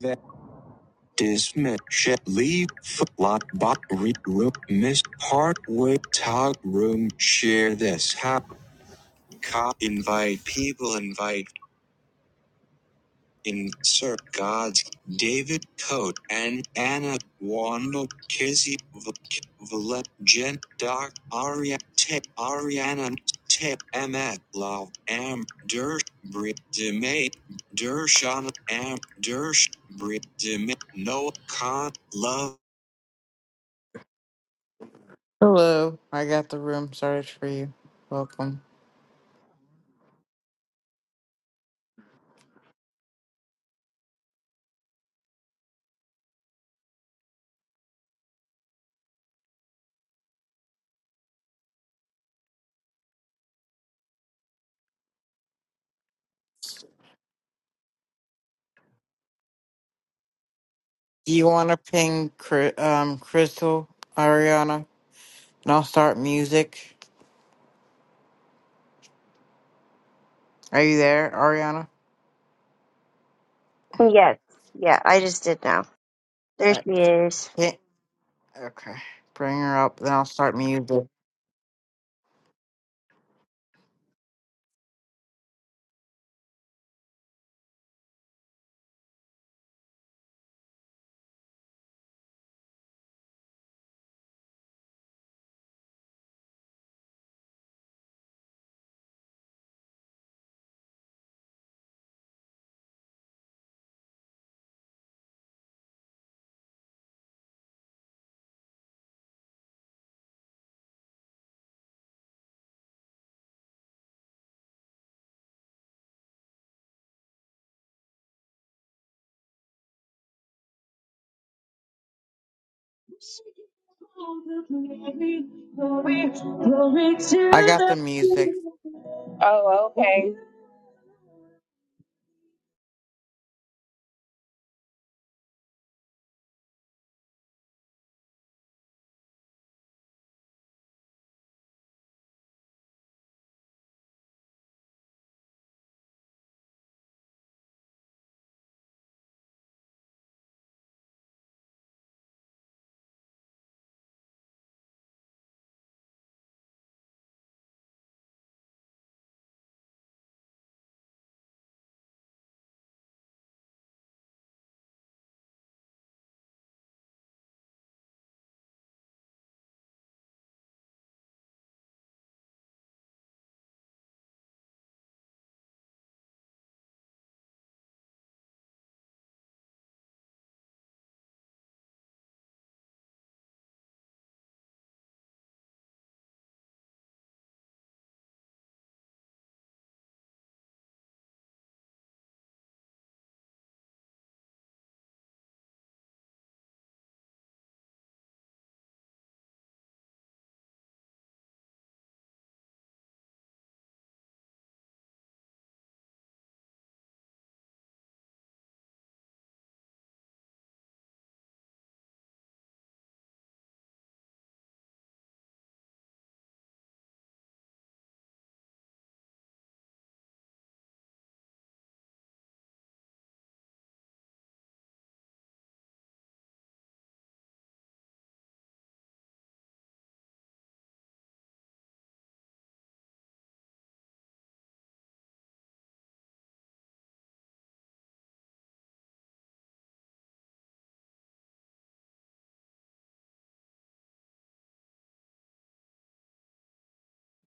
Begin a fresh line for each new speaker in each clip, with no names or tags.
that dismiss shit leave flat bot read room miss hardway talk room share this hap cop invite people invite insert gods david Coat and anna wanda kizzy Vuk- valet jen doc aria tip ariana tip emma love am dirt brit demay Dershana Am Dersh Brit Demay Noah Khan Love Hello, I got the room started for you. Welcome. Do you want to ping Cri- um, Crystal, Ariana? And I'll start music. Are you there, Ariana?
Yes. Yeah, I just did now. There
Uh,
she is.
ping- okay, bring her up, then I'll start music. I got the music.
Oh, okay.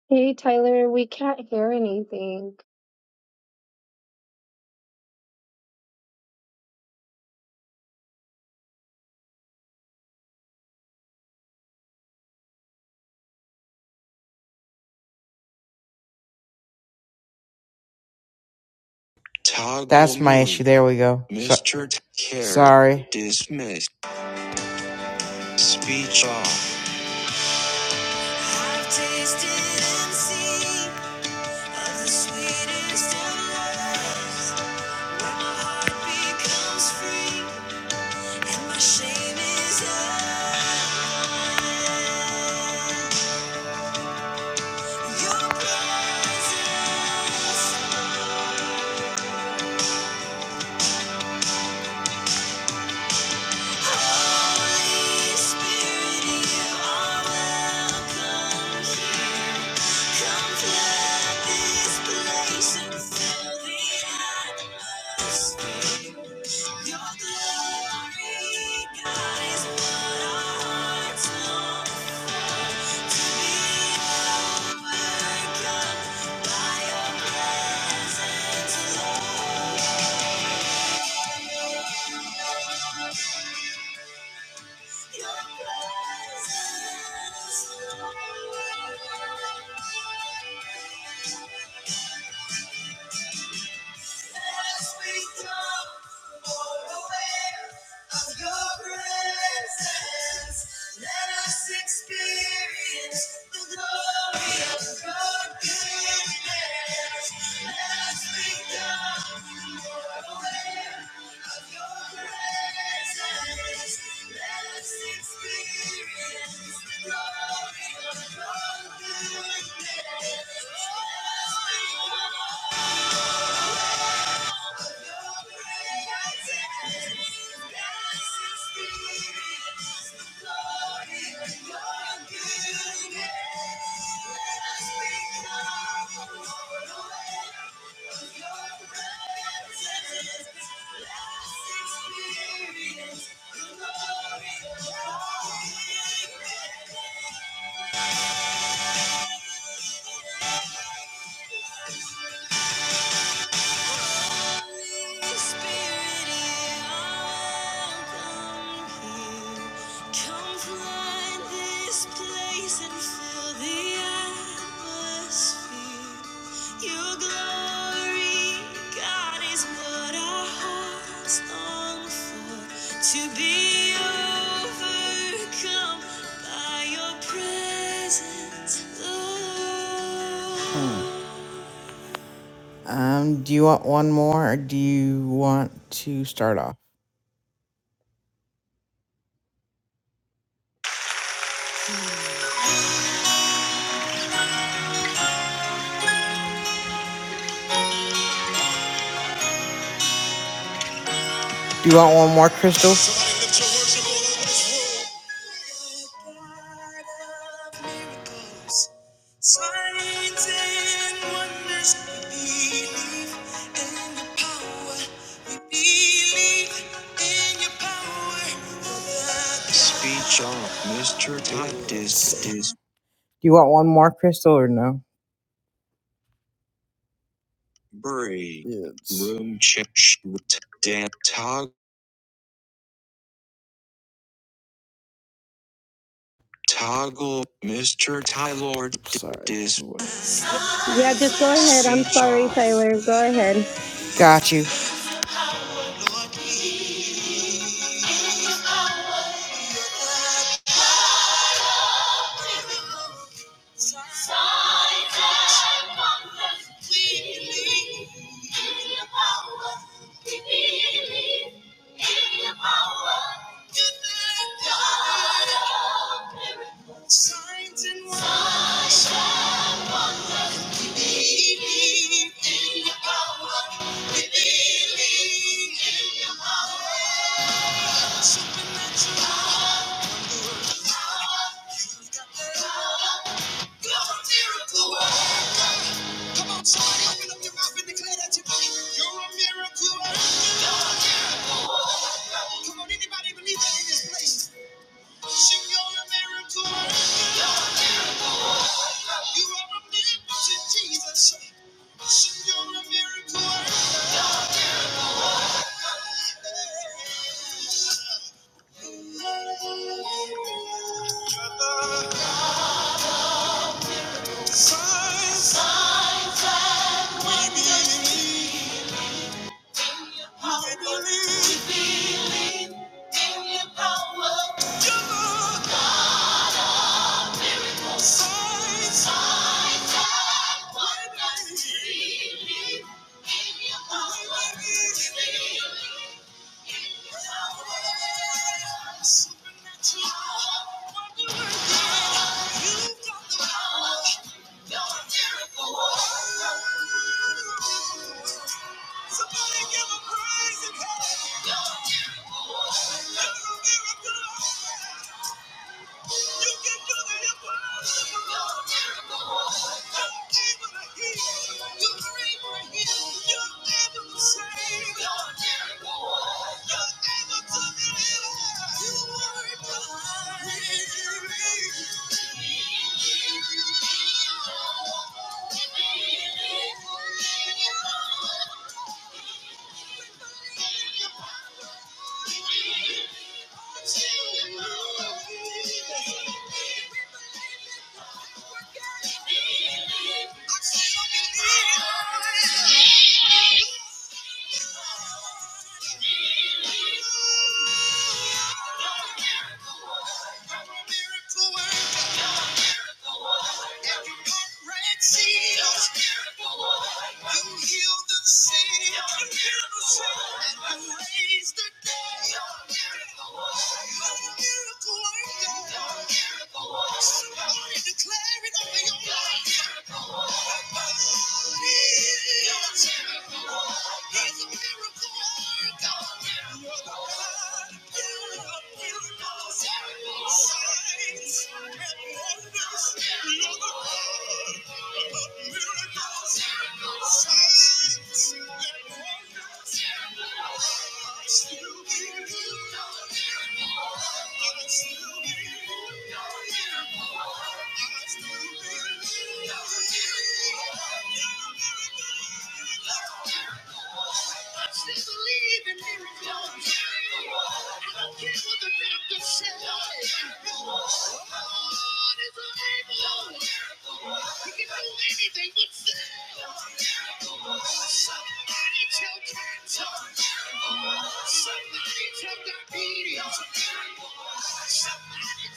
Hey, Tyler, we can't hear anything.
Toggle That's my issue. There we go. So- Mr. Carrot. sorry. Dismiss. Speech off. I've tasted and seen of the sweetest of loves, where my heart becomes free and my shame is undone. Your presence. Holy Spirit, you are welcome here. Come flood this place and fill the atmosphere. Your glory, God, is what our hearts long for. To be overcome by your presence, Lord. Thank you. Experience the glory of your goodness. Thank you. Your glory, God, is what our hearts long for. To be overcome by your presence, um, do you want one more or do you want to start off? Do you want one more, Crystal? Do you want one more, Crystal, or no? Brie. Loom Chish. Tog. Toggle. Mr. Tylord. D- sorry. Dis. What?
Yeah, just go ahead.
C.
I'm sorry,
Job.
Tyler. Go ahead.
Got you. Signs and wonders. Believe in your power. Believe in your power. Supernatural power. you got the power. You're a miracle worker. Come on, somebody open up your mouth and declare that you believe. You're a miracle worker. You're a miracle worker. Come on, anybody believe that in this place? Signs, gonna miracle. You are a miracle, Jesus. She Signs, we believe, we believe. Thank you. Somebody give a praise and help. You're a miracle. You can do the impossible. You're able to heal. You're able to heal. You're able to save. You're able to deliver. You are God. Every red seal, you heal the sick. And you raise the dead. You're a miracle worker. Somebody declare it over your life. Still here. Somebody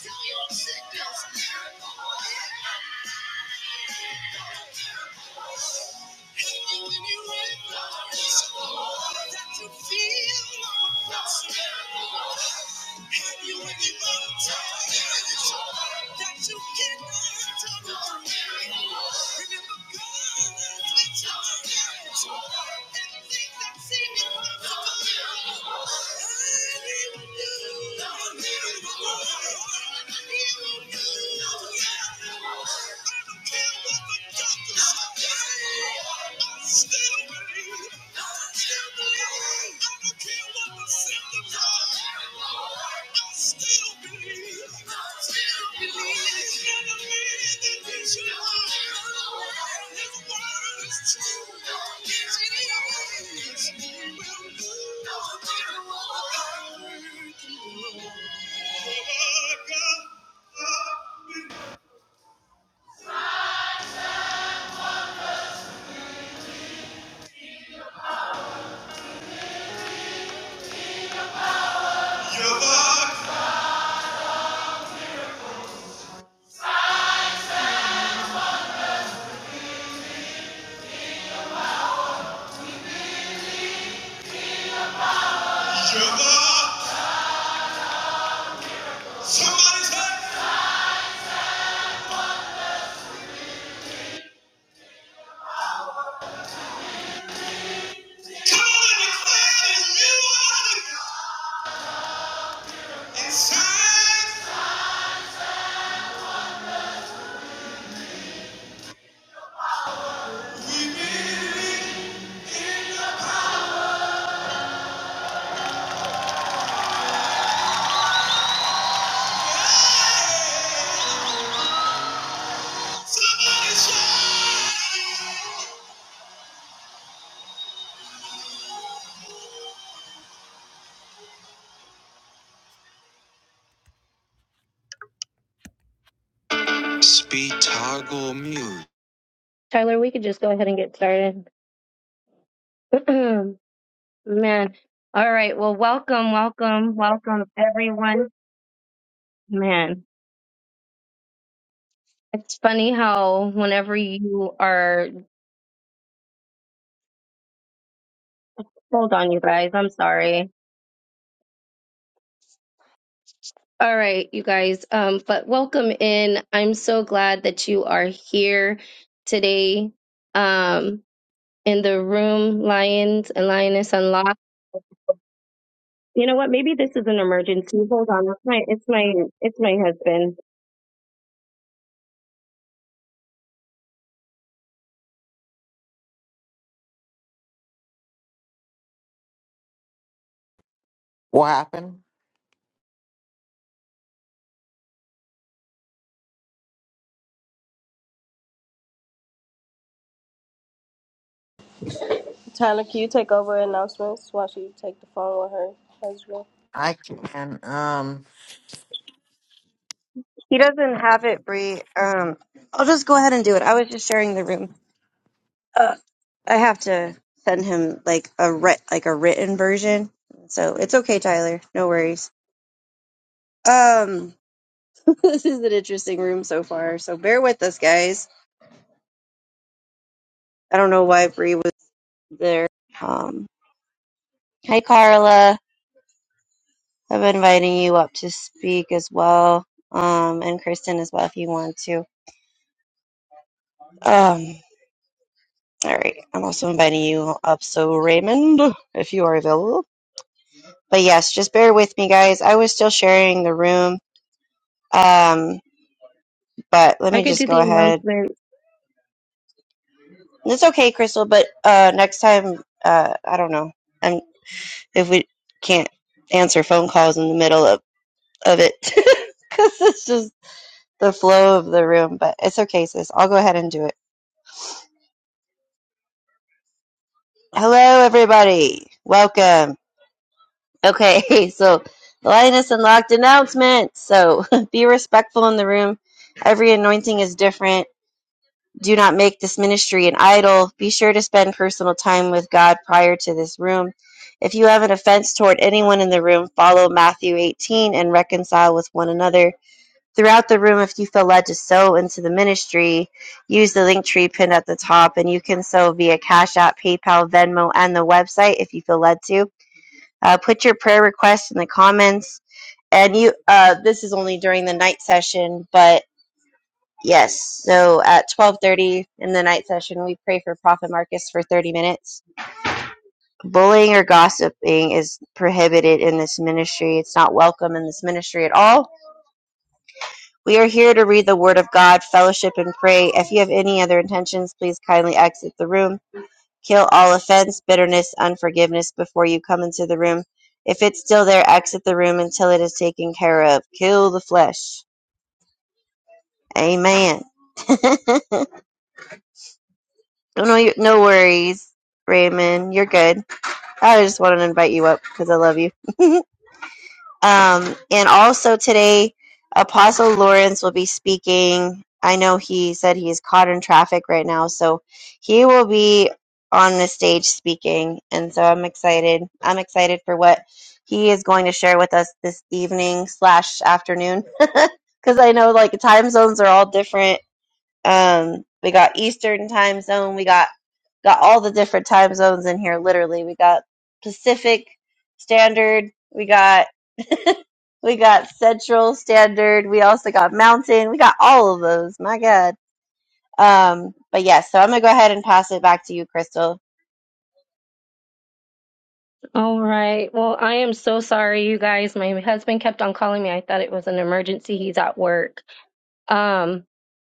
tell your sickness. Thank you. Thank you. Speed toggle mute.
Tyler, we could just go ahead and get started. Man. All right. Well, welcome, welcome, welcome, everyone. Man, it's funny how whenever you are, hold on, you guys. I'm sorry. All right, you guys. Um, but welcome in. I'm so glad that you are here today. Um, in the room, Lions and Lioness Unlocked. You know what? Maybe this is an emergency. Hold on. It's my it's my it's my husband.
What happened?
Tyler, can you take over announcements while she take the phone with her husband?
I can. Um,
He doesn't have it, Bree. Um, I'll just go ahead and do it. I was just sharing the room. Uh, I have to send him like a writ, like a written version. So it's okay, Tyler. No worries. Um, this is an interesting room so far. So bear with us, guys. I don't know why Bree was there. Um, hi, Carla. i am inviting you up to speak as well. Um, and Kristen as well if you want to. Um, All right. I'm also inviting you up, so Raymond, if you are available. But yes, just bear with me, guys. I was still sharing the room, um, but let
I
me
could
just
do
go
the
ahead.
announcement.
It's okay, Crystal. But uh, next time, uh, I don't know. i if we can't answer phone calls in the middle of of it, because it's just the flow of the room. But it's okay, sis. I'll go ahead and do it. Hello, everybody. Welcome. Okay, so Linus Unlocked announcement. So be respectful in the room. Every anointing is different. Do not make this ministry an idol. Be sure to spend personal time with God prior to this room. If you have an offense toward anyone in the room, follow Matthew 18 and reconcile with one another. Throughout the room, if you feel led to sow into the ministry, use the link tree pinned at the top, and you can sow via Cash App, PayPal, Venmo, and the website if you feel led to. Uh, put your prayer requests in the comments. And you, uh, this is only during the night session, but yes. So at twelve thirty in the night session, we pray for Prophet Marcus for thirty minutes. Bullying or gossiping is prohibited in this ministry. It's not welcome in this ministry at all. We are here to read the Word of God, fellowship, and pray. If you have any other intentions, please kindly exit the room. Kill all offense, bitterness, unforgiveness before you come into the room. If it's still there, exit the room until it is taken care of. Kill the flesh. Amen. no, no worries, Raymond. You're good. I just wanted to invite you up because I love you. Um, and also today, Apostle Lawrence will be speaking. I know he said he's caught in traffic right now, so he will be on the stage speaking. And so I'm excited. I'm excited for what he is going to share with us this evening slash afternoon, because I know like time zones are all different um, we got Eastern time zone. We got got all the different time zones in here. Literally, we got Pacific Standard. We got we got Central Standard. We also got Mountain. We got all of those. My God. Um, but yes, so I'm gonna go ahead and pass it back to you, Crystal.
All right. Well, I am so sorry, you guys. My husband kept on calling me. I thought it was an emergency. He's at work. Um,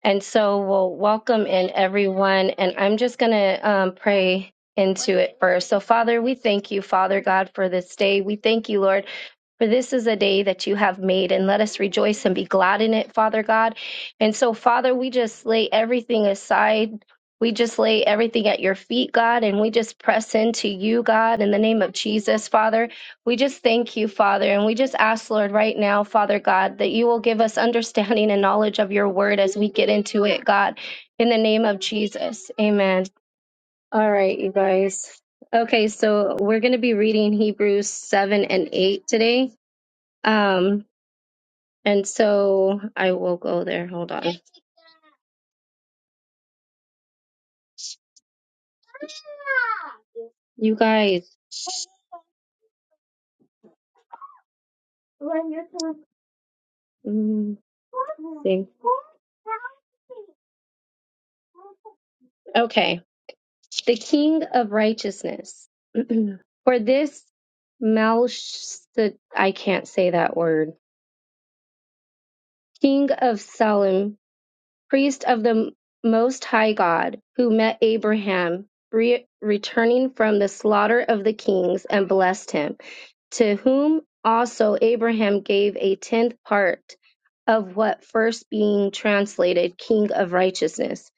and so we'll welcome in everyone. And I'm just going to um, pray into it first. So, Father, we thank you, Father God, for this day. We thank you, Lord. For this is a day that you have made, and let us rejoice and be glad in it, Father God. And so, Father, we just lay everything aside. We just lay everything at your feet, God, and we just press into you, God, in the name of Jesus, Father. We just thank you, Father, and we just ask, Lord, right now, Father God, that you will give us understanding and knowledge of your word as we get into it, God, in the name of Jesus. Amen. All right, you guys. Okay, so we're going to be reading Hebrews 7 and 8 today. Um, and so I will go there. Hold on. You guys. mm, see. Okay. the King of Righteousness. For this Melch, I can't say that word, King of Salem, priest of the Most High God, who met Abraham re- returning from the slaughter of the kings and blessed him, to whom also Abraham gave a tenth part of what first being translated King of Righteousness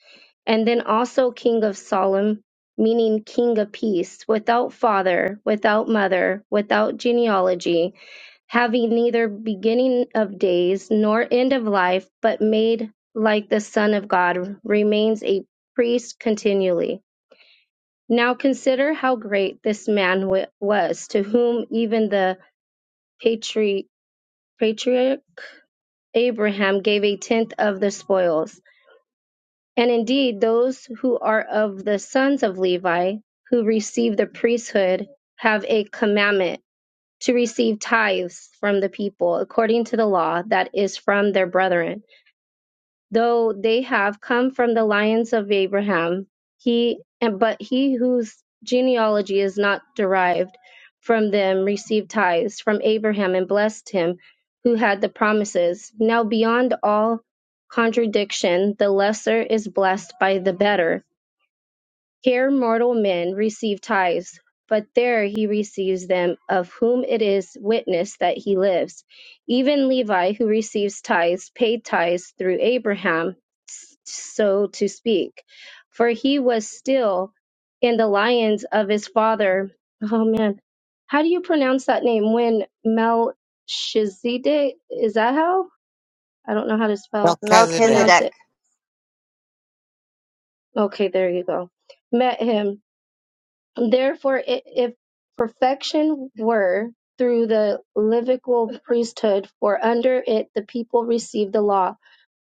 and then also King of Solomon, meaning King of Peace, without father, without mother, without genealogy, having neither beginning of days nor end of life, but made like the Son of God, remains a priest continually. Now consider how great this man wa- was, to whom even the patri- patriarch Abraham gave a tenth of the spoils. And indeed, those who are of the sons of Levi, who receive the priesthood, have a commandment to receive tithes from the people according to the law that is from their brethren though they have come from the lions of Abraham. He and but he whose genealogy is not derived from them received tithes from Abraham and blessed him who had the promises. Now beyond all contradiction, the lesser is blessed by the better. Here mortal men receive tithes, but there he receives them of whom it is witness that he lives. Even Levi, who receives tithes, paid tithes through Abraham, s- so to speak, for he was still in the lions of his father. Oh man, how do you pronounce that name? When Melchizedek, is that how? I don't know how to spell
Melchizedek.
pronounce
Melchizedek.
it. Okay, there you go. Met him Therefore, i- if perfection were through the Levitical priesthood, for under it the people received the law,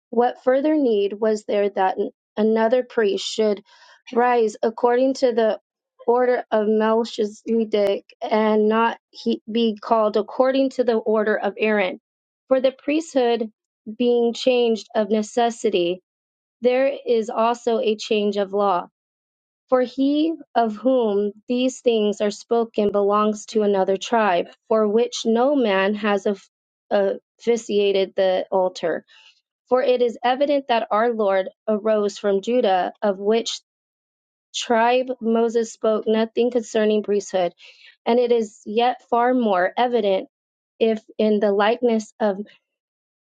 what further need was there that an- another priest should rise according to the order of Melchizedek and not he, be called according to the order of Aaron? For the priesthood being changed of necessity, there is also a change of law for he of whom these things are spoken belongs to another tribe, for which no man has of- officiated the altar. For it is evident that our Lord arose from Judah, of which tribe Moses spoke nothing concerning priesthood. And it is yet far more evident if in the likeness of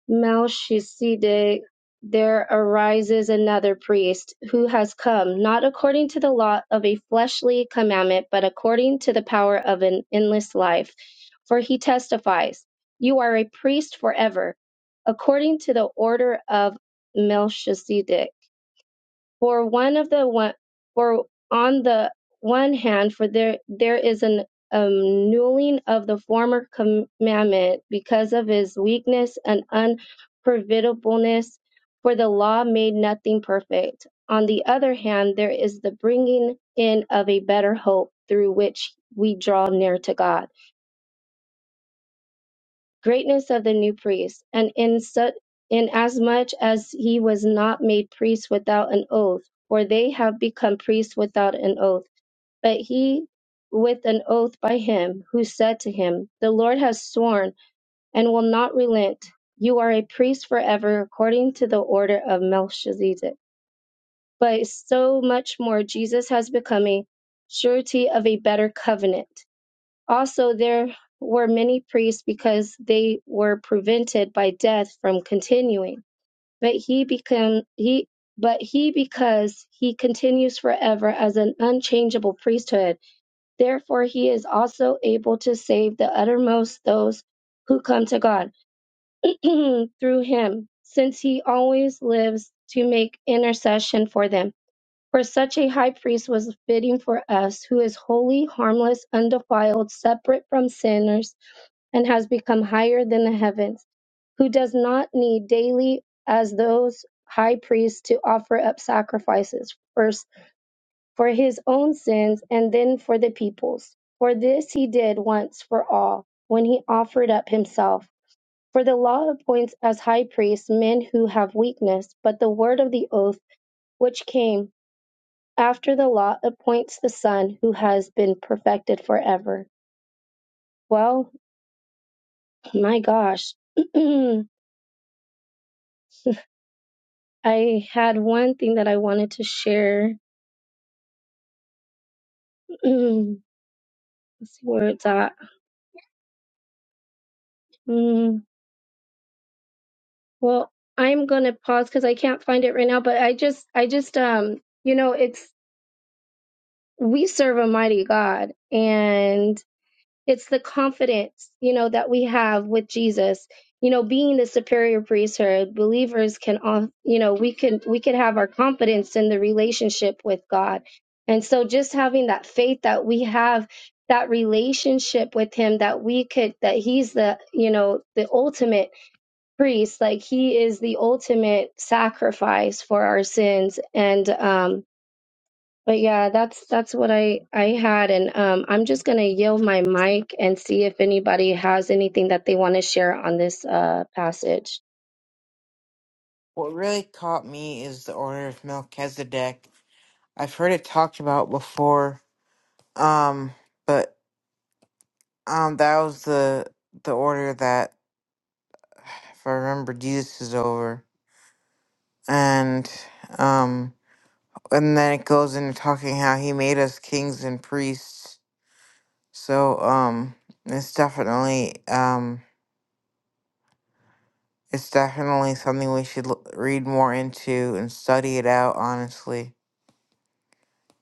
Melchizedek, there arises another priest who has come, not according to the law of a fleshly commandment, but according to the power of an endless life. For he testifies, You are a priest forever, according to the order of Melchizedek for one of the one for on the one hand for there there is an annulling of the former commandment because of his weakness and unprofitableness for the law made nothing perfect on the other hand there is the bringing in of a better hope through which we draw near to god greatness of the new priest, and in such inasmuch as he was not made priest without an oath, for they have become priests without an oath, but he with an oath by him who said to him, The Lord has sworn and will not relent. You are a priest forever according to the order of Melchizedek. But so much more Jesus has become a surety of a better covenant also, there were many priests because they were prevented by death from continuing. But he become he but he because he continues forever as an unchangeable priesthood. Therefore he is also able to save the uttermost those who come to God through him, since he always lives to make intercession for them. For such a high priest was fitting for us, who is holy, harmless, undefiled, separate from sinners, and has become higher than the heavens, who does not need daily, as those high priests, to offer up sacrifices, first for his own sins and then for the people's. For this he did once for all, when he offered up himself. For the law appoints as high priests men who have weakness, but the word of the oath which came after the law appoints the Son who has been perfected forever. Well, my gosh. I had one thing that I wanted to share. Let's see where it's at. Mm, well, I'm gonna pause because I can't find it right now. But I just, I just, um, you know, it's we serve a mighty God, and It's the confidence, you know, that we have with Jesus. You know, being the superior priesthood, believers can all, you know, we can we can have our confidence in the relationship with God. And so just having that faith that we have that relationship with him that we could that he's the, you know, the ultimate priest, like he is the ultimate sacrifice for our sins and um but yeah, that's that's what I I had, and um, I'm just gonna yield my mic and see if anybody has anything that they want to share on this uh, passage.
What really caught me is the order of Melchizedek. I've heard it talked about before. Um, but Um, that was the the order that, if I remember, Jesus is over, and um, and then it goes into talking how he made us kings and priests. So um, it's definitely um, it's definitely something we should l- read more into and study it out honestly,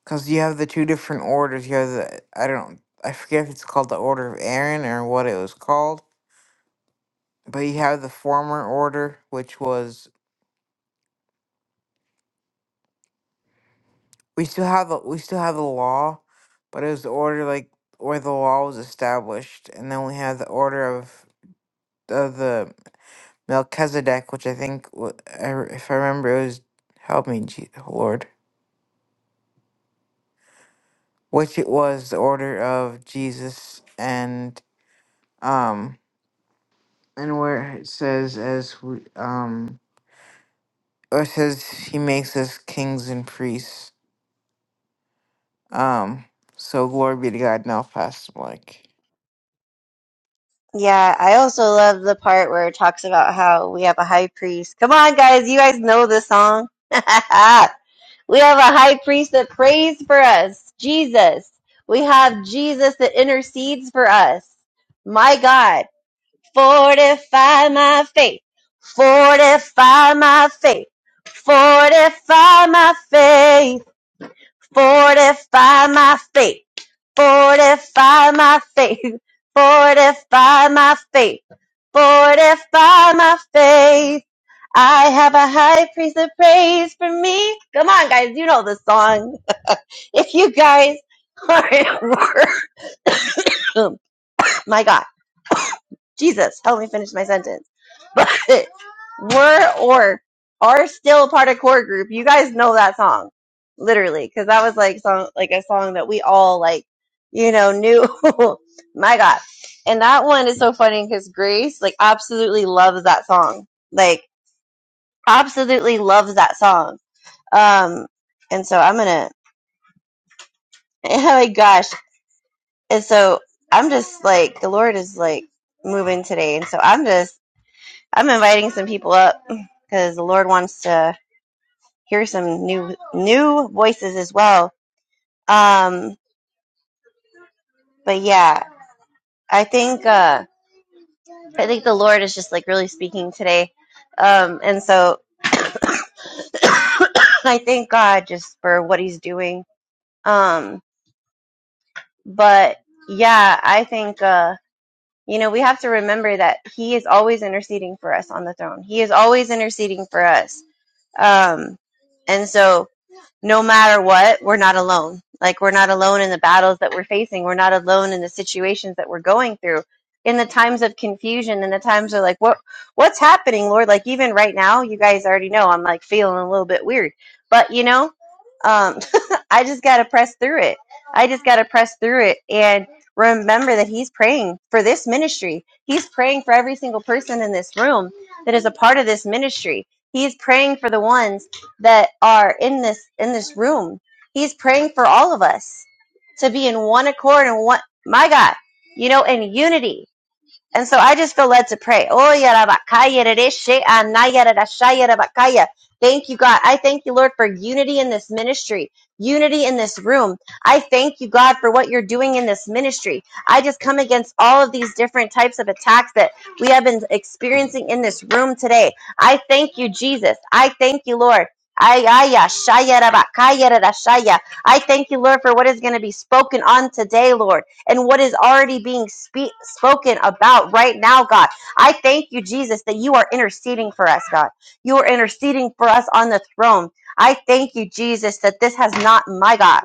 because you have the two different orders. You have the I don't I forget if it's called the Order of Aaron or what it was called, but you have the former order, which was we still have a we still have the law, but it was the order like where the law was established, and then we have the order of of the Melchizedek, which I think wa- I re- if I remember it was help me, Je- Lord, which it was the order of Jesus and um and where it says as we um or it says he makes us kings and priests um. So glory be to God. Now, Pastor Mike.
Yeah, I also love the part where it talks about how we have a high priest. Come on, guys, you guys know this song. We have a high priest that prays for us, Jesus. We have Jesus that intercedes for us. My God, fortify my faith, fortify my faith, fortify my faith. Fortify my faith. Fortify my faith. Fortify my faith. Fortify my faith. I have a high priest of praise for me. Come on, guys. You know the song. If you guys are, in work, my God. Jesus, help me finish my sentence. But were or are still a part of core group. You guys know that song, literally, because that was like song like a song that we all like, you know, knew. my God, and that one is so funny because Grace like absolutely loves that song, like absolutely loves that song. Um, and so I'm gonna, oh my gosh, and so I'm just like the Lord is like moving today, and so I'm just I'm inviting some people up because the Lord wants to hear some new new voices as well. Um, but yeah, I think uh, I think the Lord is just like really speaking today, um, and so I thank God just for what He's doing. Um, but yeah, I think uh, you know we have to remember that He is always interceding for us on the throne. He is always interceding for us, um, and so no matter what, we're not alone. Like we're not alone in the battles that we're facing. We're not alone in the situations that we're going through. In the times of confusion, in the times of like what what's happening, Lord? Like even right now, you guys already know I'm like feeling a little bit weird. But you know, um I just gotta press through it. I just gotta press through it and remember that he's praying for this ministry. He's praying for every single person in this room that is a part of this ministry. He's praying for the ones that are in this in this room. He's praying for all of us to be in one accord and one my God, you know, in unity. And so I just feel led to pray. Oh, yarabakaya rereshe anaya rerashaya rabakaya. Thank you, God. I thank you, Lord, for unity in this ministry, unity in this room. I thank you, God, for what you're doing in this ministry. I just come against all of these different types of attacks that we have been experiencing in this room today. I thank you, Jesus. I thank you, Lord. Ay, ay, ya, shaya, rabakaya, rerashaya. I thank you, Lord, for what is going to be spoken on today, Lord and what is already being spe- spoken about right now, God. I thank you, Jesus, that you are interceding for us, God. You are interceding for us on the throne. I thank you, Jesus, that this has not, my God,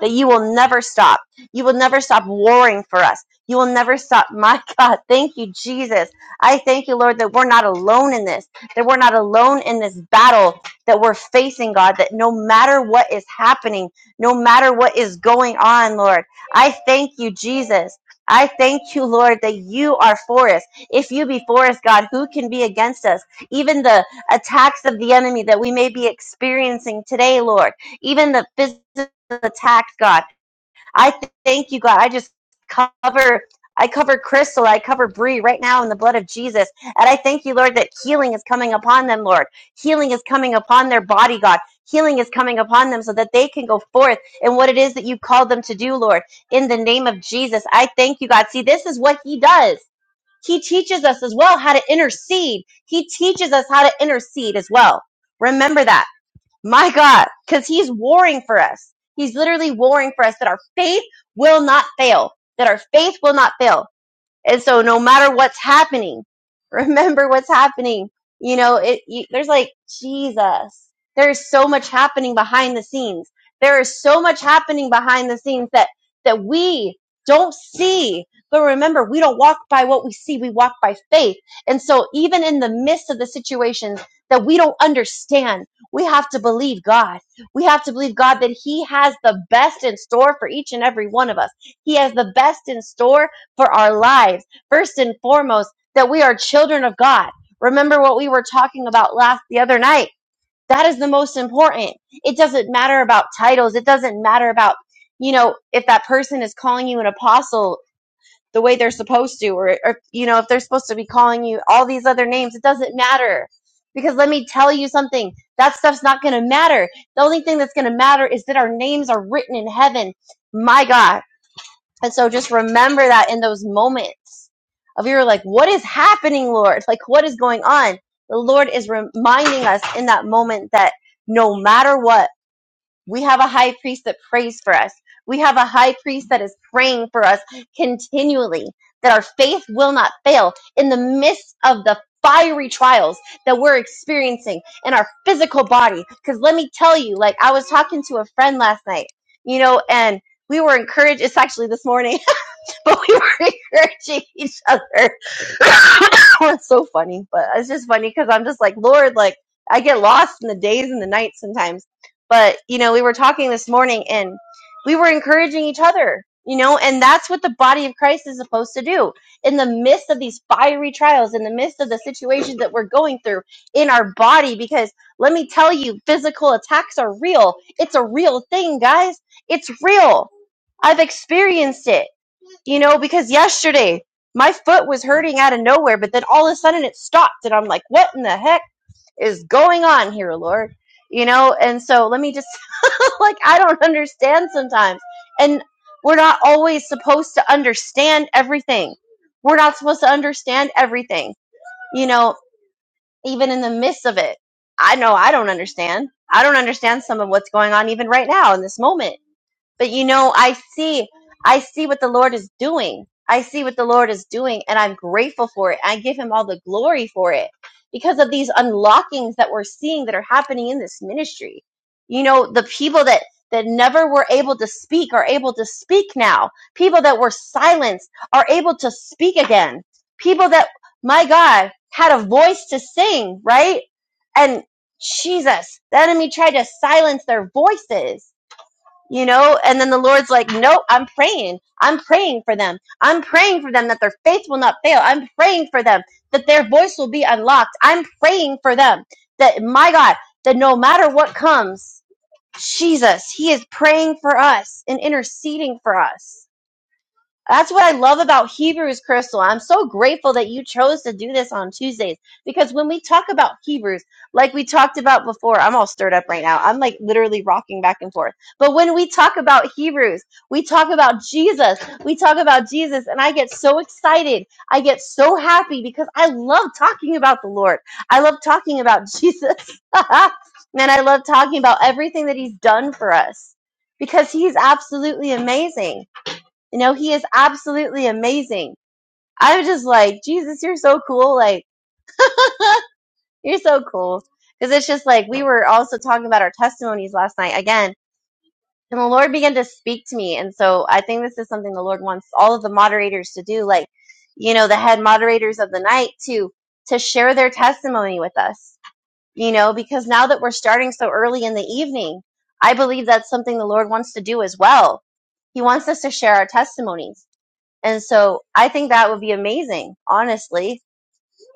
that you will never stop. You will never stop warring for us. You will never stop, my God. Thank you, Jesus. I thank you, Lord, that we're not alone in this, that we're not alone in this battle that we're facing, God, that no matter what is happening, no matter what is going on, Lord. I thank you, Jesus. I thank you, Lord, that you are for us. If you be for us, God, who can be against us? Even the attacks of the enemy that we may be experiencing today, Lord, even the physical attacks, God. I th- thank you, God. I just cover. I cover Crystal. I cover Bree right now in the blood of Jesus. And I thank you, Lord, that healing is coming upon them, Lord. Healing is coming upon their body, God. Healing is coming upon them so that they can go forth in what it is that you called them to do, Lord. In the name of Jesus, I thank you, God. See, this is what He does. He teaches us as well how to intercede. He teaches us how to intercede as well. Remember that. My God, because he's warring for us. He's literally warring for us that our faith will not fail, that our faith will not fail. And so no matter what's happening, remember what's happening. You know, it, you, there's like Jesus. There's so much happening behind the scenes. There is so much happening behind the scenes that, that we don't see. But remember, we don't walk by what we see. We walk by faith. And so even in the midst of the situations that we don't understand, we have to believe God. We have to believe God that he has the best in store for each and every one of us. He has the best in store for our lives. First and foremost, that we are children of God. Remember what we were talking about last the other night. That is the most important. It doesn't matter about titles. It doesn't matter about, you know, if that person is calling you an apostle the way they're supposed to, or, or, you know, if they're supposed to be calling you all these other names, it doesn't matter. Because let me tell you something, that stuff's not going to matter. The only thing that's going to matter is that our names are written in heaven. My God and so just remember that in those moments of you're like, what is happening, Lord? Like, what is going on? The Lord is reminding us in that moment that no matter what, we have a high priest that prays for us. We have a high priest that is praying for us continually, that our faith will not fail in the midst of the fiery trials that we're experiencing in our physical body. Because let me tell you, like, I was talking to a friend last night, you know, and we were encouraged. It's actually this morning but we were encouraging each other. it's so funny, but it's just funny because I'm just like, Lord, like I get lost in the days and the nights sometimes. But you know, we were talking this morning and we were encouraging each other, you know, and that's what the body of Christ is supposed to do in the midst of these fiery trials, in the midst of the situations that we're going through in our body. Because let me tell you, physical attacks are real. It's a real thing, guys. It's real. I've experienced it you know, because yesterday my foot was hurting out of nowhere, but then all of a sudden it stopped, and I'm like, what in the heck is going on here, Lord? You know, and so let me just, like, I don't understand sometimes. And we're not always supposed to understand everything. We're not supposed to understand everything, you know, even in the midst of it. I know I don't understand. I don't understand some of what's going on even right now in this moment but you know i see i see what the lord is doing i see what the lord is doing and i'm grateful for it i give him all the glory for it because of these unlockings that we're seeing that are happening in this ministry you know the people that that never were able to speak are able to speak now people that were silenced are able to speak again people that my god had a voice to sing right and jesus the enemy tried to silence their voices you know and then the lord's like no i'm praying i'm praying for them i'm praying for them that their faith will not fail i'm praying for them that their voice will be unlocked i'm praying for them that my god that no matter what comes jesus he is praying for us and interceding for us that's what I love about Hebrews, Crystal. I'm so grateful that you chose to do this on Tuesdays because when we talk about Hebrews, like we talked about before, I'm all stirred up right now. I'm like literally rocking back and forth. But when we talk about Hebrews, we talk about Jesus. We talk about Jesus, and I get so excited. I get so happy because I love talking about the Lord. I love talking about Jesus. and I love talking about everything that He's done for us because He's absolutely amazing. You know, he is absolutely amazing. I was just like, Jesus, you're so cool. Like, you're so cool. Because it's just like, we were also talking about our testimonies last night again, and the Lord began to speak to me. And so I think this is something the Lord wants all of the moderators to do, like, you know, the head moderators of the night to, to share their testimony with us, you know, because now that we're starting so early in the evening, I believe that's something the Lord wants to do as well. He wants us to share our testimonies And so I think that would be amazing, honestly.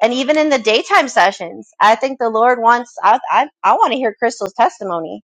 And even in the daytime sessions, I think the Lord wants, I, I, I want to hear Crystal's testimony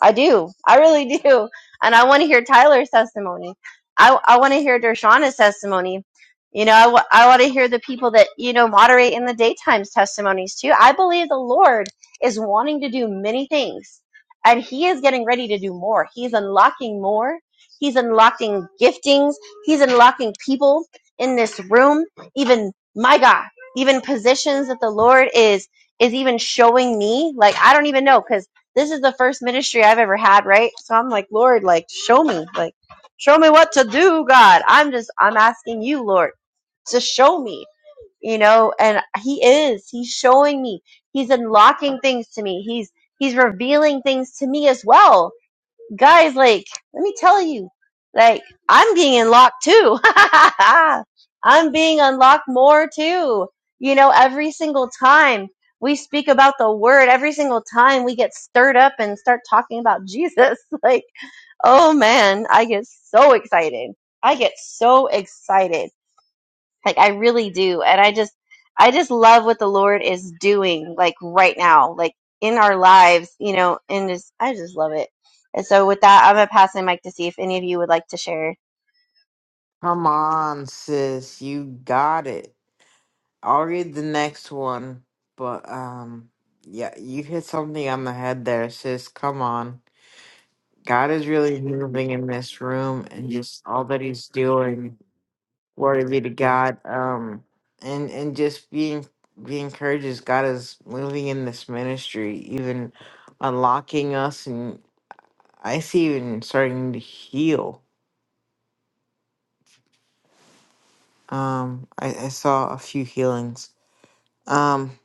I do. I really do. And I want to hear Tyler's testimony. I, I want to hear Dershana's testimony. You know, I want to hear the people that, you know, moderate in the daytime's testimonies too. I believe the Lord is wanting to do many things and he is getting ready to do more. He's unlocking more. He's unlocking giftings. He's unlocking people in this room. Even my God, even positions that the Lord is, is even showing me. Like, I don't even know. because this is the first ministry I've ever had, right? So I'm like, Lord, like, show me, like, show me what to do, God. I'm just, I'm asking you, Lord, to show me, you know, and He is, He's showing me, He's unlocking things to me, He's, He's revealing things to me as well guys, like, let me tell you, like, I'm being unlocked too. I'm being unlocked more too. You know, every single time we speak about the word, every single time we get stirred up and start talking about Jesus, like, oh man, I get so excited. I get so excited like I really do. And I just I just love what the Lord is doing like right now, like in our lives, you know, and just I just love it. And so with that, I'm gonna pass the mic to see if any of you would like to share.
Come on, sis. You got it. I'll read the next one, but um, yeah, you hit something on the head there, sis. Come on, God is really moving in this room, and just all that He's doing. Glory be to God. Um, and and just being be encouraged. as God is moving in this ministry, even unlocking us, and I see even starting to heal. Um, I, I saw a few healings. Um,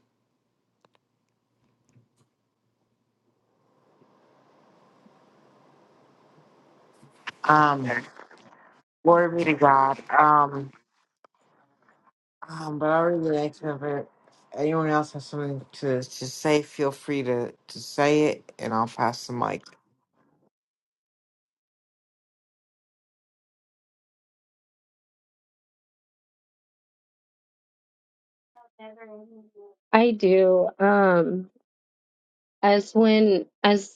um, glory be to God. Um. Um, but I really like to have it. Anyone else has something to, to say, feel free to, to say it and I'll pass the mic.
I do. Um, as when as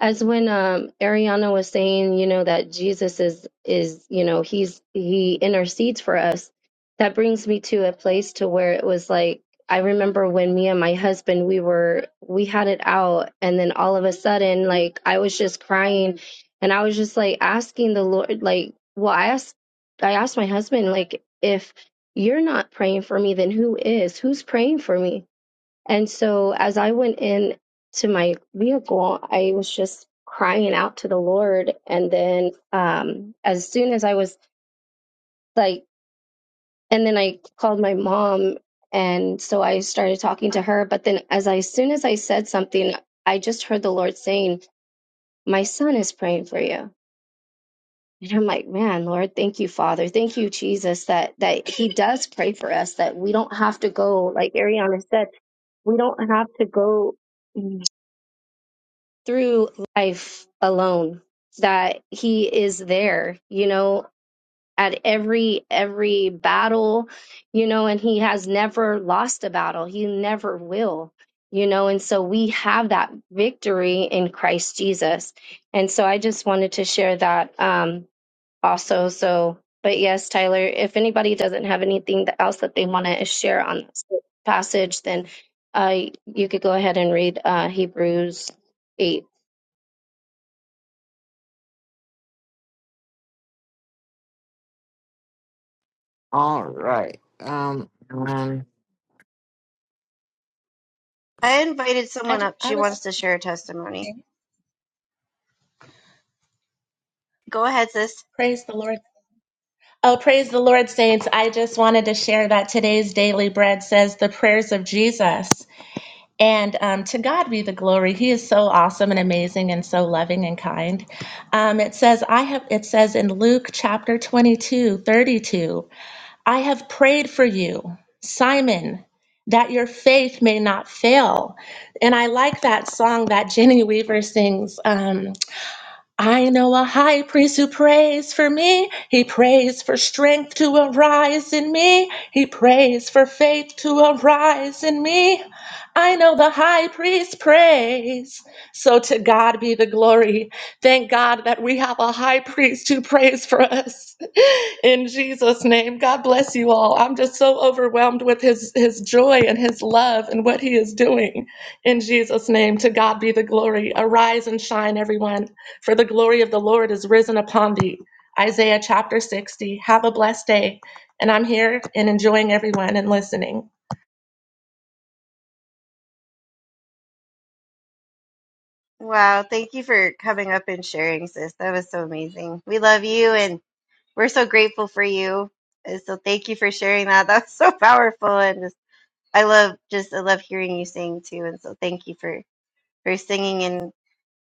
as when um Ariana was saying, you know, that Jesus is is, you know, he's he intercedes for us. That brings me to a place to where it was like I remember when me and my husband we were we had it out and then all of a sudden like I was just crying and I was just like asking the Lord like well I asked I asked my husband like if you're not praying for me then who is? Who's praying for me? And so as I went in to my vehicle, I was just crying out to the Lord. And then um, as soon as I was like, and then I called my mom. And so I started talking to her. But then as I, as soon as I said something, I just heard the Lord saying, my son is praying for you. And I'm like, man, Lord, thank you, Father. Thank you, Jesus, that that He does pray for us, that we don't have to go, like Ariana said, we don't have to go through life alone that he is there you know at every every battle you know and he has never lost a battle he never will you know and so we have that victory in christ jesus and so i just wanted to share that um also so but yes tyler if anybody doesn't have anything else that they want to share on this passage then uh you could go ahead and read uh hebrews 8
All right. Um, and then
I invited
I,
someone
ju-
up.
I
She wants
was
to share a testimony.
okay.
Go ahead, sis.
Praise the Lord. Oh, praise the Lord, saints. I just wanted to share that today's daily bread says the prayers of Jesus. And um, to God be the glory. He is so awesome and amazing and so loving and kind. Um, it says, I have, it says in Luke chapter 22, 32, I have prayed for you, Simon, that your faith may not fail. And I like that song that Jenny Weaver sings. Um, I know a high priest who prays for me. He prays for strength to arise in me. He prays for faith to arise in me. I know the high priest prays. So to God be the glory. Thank God that we have a high priest who prays for us. In Jesus' name, God bless you all. I'm just so overwhelmed with his, his joy and his love and what he is doing. In Jesus' name, to God be the glory. Arise and shine, everyone. For the glory of the Lord is risen upon thee. Isaiah chapter 60. Have a blessed day. And I'm here and enjoying everyone and listening.
Wow, thank you for coming up and sharing, sis. That was so amazing. We love you and we're so grateful for you. And so thank you for sharing that. That was so powerful and just I love just I love hearing you sing too. And so thank you for for singing and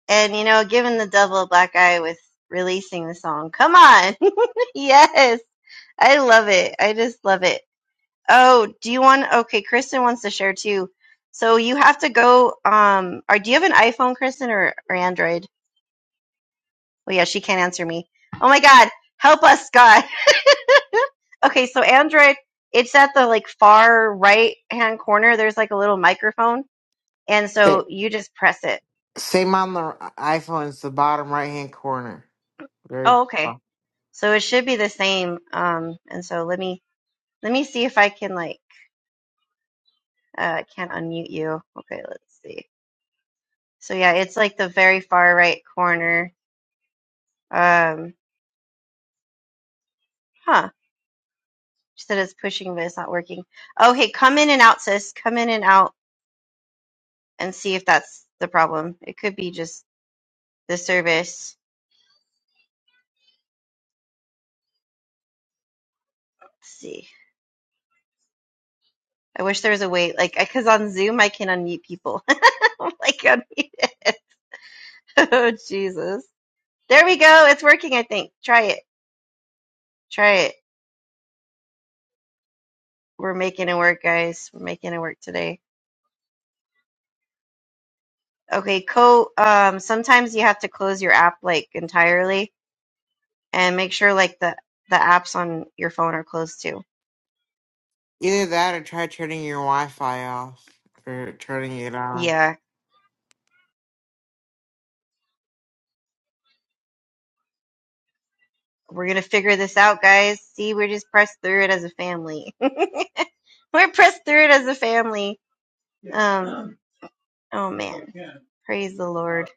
and you know giving the devil a black eye with releasing the song come on yes i love it i just love it oh do you want okay kristen wants to share too so you have to go um or do you have an iphone kristen or, or android oh yeah she can't answer me oh my god help us god okay so android it's at the like far right hand corner there's like a little microphone and
say,
so you just press it
same on the iPhone, it's the bottom right hand corner. Very
oh okay
bottom.
So it should be the same. Um, and so let me let me see if I can like uh can't unmute you. Okay, let's see. So yeah, it's like the very far right corner. Um, huh. She said it's pushing, but it's not working. Okay, come in and out, sis. Come in and out and see if that's the problem. It could be just the service. Let's see. I wish there was a way, like, because on Zoom I can unmute people. I'm like, unmute it. oh, Jesus. There we go. It's working, I think. Try it. Try it. We're making it work, guys. We're making it work today. Okay, co um sometimes you have to close your app like entirely and make sure like the the apps on your phone are closed too.
Either that or try turning your Wi Fi off or turning it on.
Yeah, we're gonna figure this out, guys. See, we're just pressed through it as a family. we're pressed through it as a family. Um oh man. Praise the Lord.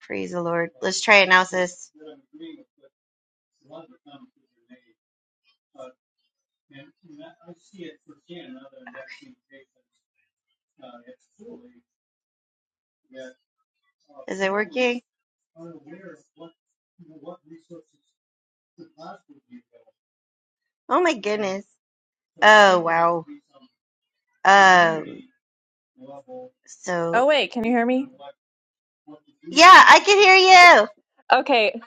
Praise the Lord. Let's try it now, sis. Is it working? Oh my goodness. Oh wow. Um so
Oh wait, can you hear me?
Yeah, I can hear you.
Okay,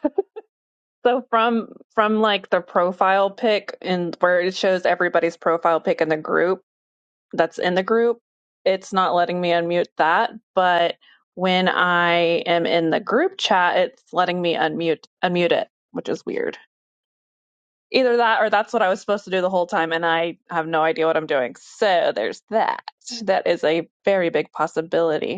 so from from like the profile pic and where it shows everybody's profile pic in the group that's in the group, it's not letting me unmute that, but when I am in the group chat, it's letting me unmute unmute it, which is weird. Either that or that's what I was supposed to do the whole time and I have no idea what I'm doing. So there's that. That is a very big possibility.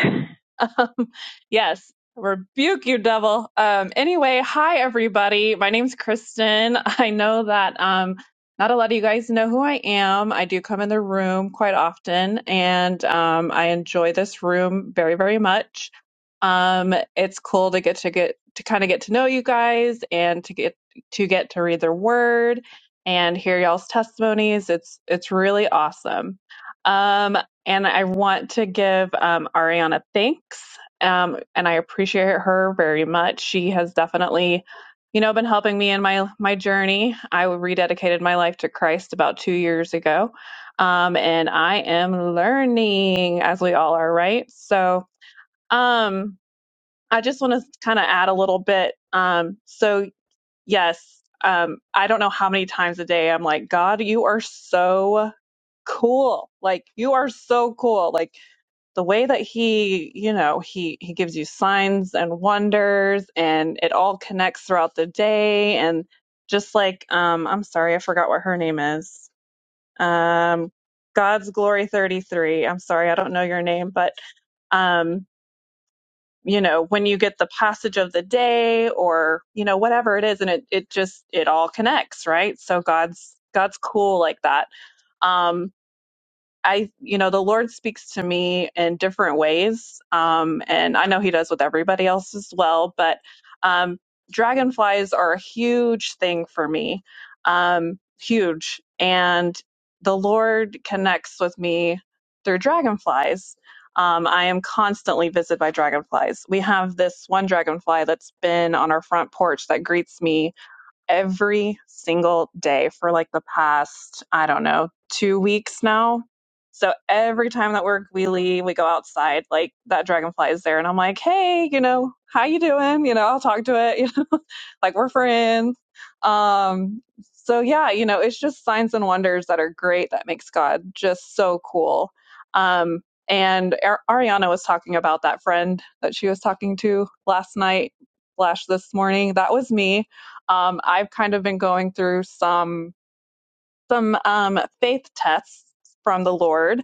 um, yes, rebuke you, devil. Um, anyway, hi everybody. My name's Kristen. I know that um, not a lot of you guys know who I am. I do come in the room quite often, and um, I enjoy this room very, very much. Um, it's cool to get to get to kind of get to know you guys and to get to get to read their word and hear y'all's testimonies. It's it's really awesome. Um, and I want to give um, Ariana thanks. Um, and I appreciate her very much. She has definitely, you know, been helping me in my my journey. I rededicated my life to Christ about two years ago, um, and I am learning as we all are, right? So, um, I just want to kind of add a little bit. Um, so, yes, um, I don't know how many times a day I'm like, God, you are so cool. Like, you are so cool. Like the way that he you know he he gives you signs and wonders and it all connects throughout the day and just like um i'm sorry i forgot what her name is um god's glory 33 i'm sorry i don't know your name but um you know when you get the passage of the day or you know whatever it is and it it just it all connects right so god's god's cool like that Um, I, you know, the Lord speaks to me in different ways. Um, and I know He does with everybody else as well, but um, dragonflies are a huge thing for me. Um, huge. And the Lord connects with me through dragonflies. Um, I am constantly visited by dragonflies. We have this one dragonfly that's been on our front porch that greets me every single day for like the past, I don't know, two weeks now. So every time that we're we leave, we go outside, like that dragonfly is there and I'm like, Hey, you know, how you doing? You know, I'll talk to it, you know, like we're friends. Um so yeah, you know, it's just signs and wonders that are great that makes God just so cool. Um and Ar- Ariana was talking about that friend that she was talking to last night, slash this morning. That was me um, I've kind of been going through some some um, faith tests from the Lord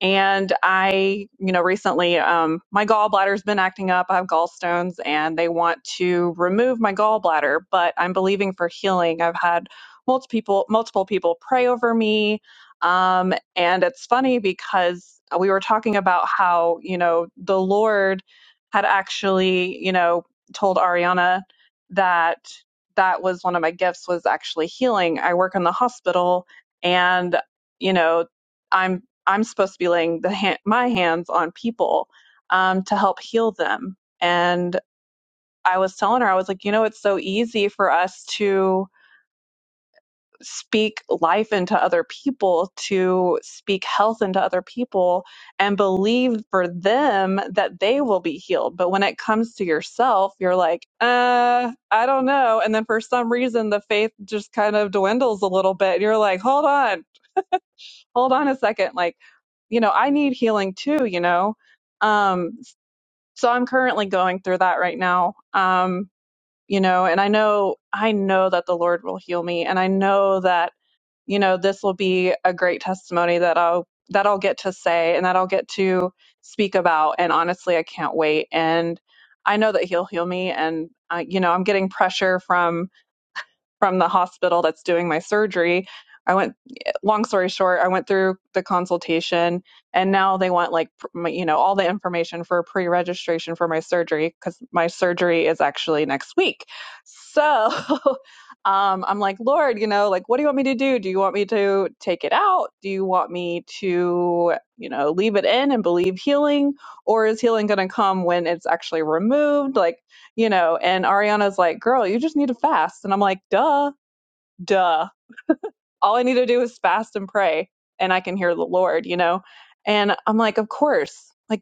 and I, you know, recently um, my gallbladder's been acting up. I have gallstones and they want to remove my gallbladder, but I'm believing for healing. I've had multiple people, multiple people pray over me. Um, and it's funny because we were talking about how, you know, the Lord had actually, you know, told Ariana that that was one of my gifts was actually healing. I work in the hospital and, you know, I'm I'm supposed to be laying the ha- my hands on people um, to help heal them. And I was telling her, I was like, you know, it's so easy for us to speak life into other people, to speak health into other people, and believe for them that they will be healed. But when it comes to yourself, you're like, uh, I don't know. And then for some reason, the faith just kind of dwindles a little bit. And you're like, hold on hold on a second like you know i need healing too you know um so i'm currently going through that right now um you know and i know i know that the lord will heal me and i know that you know this will be a great testimony that i'll that i'll get to say and that i'll get to speak about and honestly i can't wait and i know that he'll heal me and uh, you know i'm getting pressure from from the hospital that's doing my surgery. I went, long story short, I went through the consultation and now they want like, pr- you know, all the information for pre registration for my surgery because my surgery is actually next week. So um, I'm like, Lord, you know, like, what do you want me to do? Do you want me to take it out? Do you want me to, you know, leave it in and believe healing? Or is healing going to come when it's actually removed? Like, you know, and Ariana's like, girl, you just need to fast. And I'm like, duh, duh. All I need to do is fast and pray, and I can hear the Lord, you know? And I'm like, of course. Like,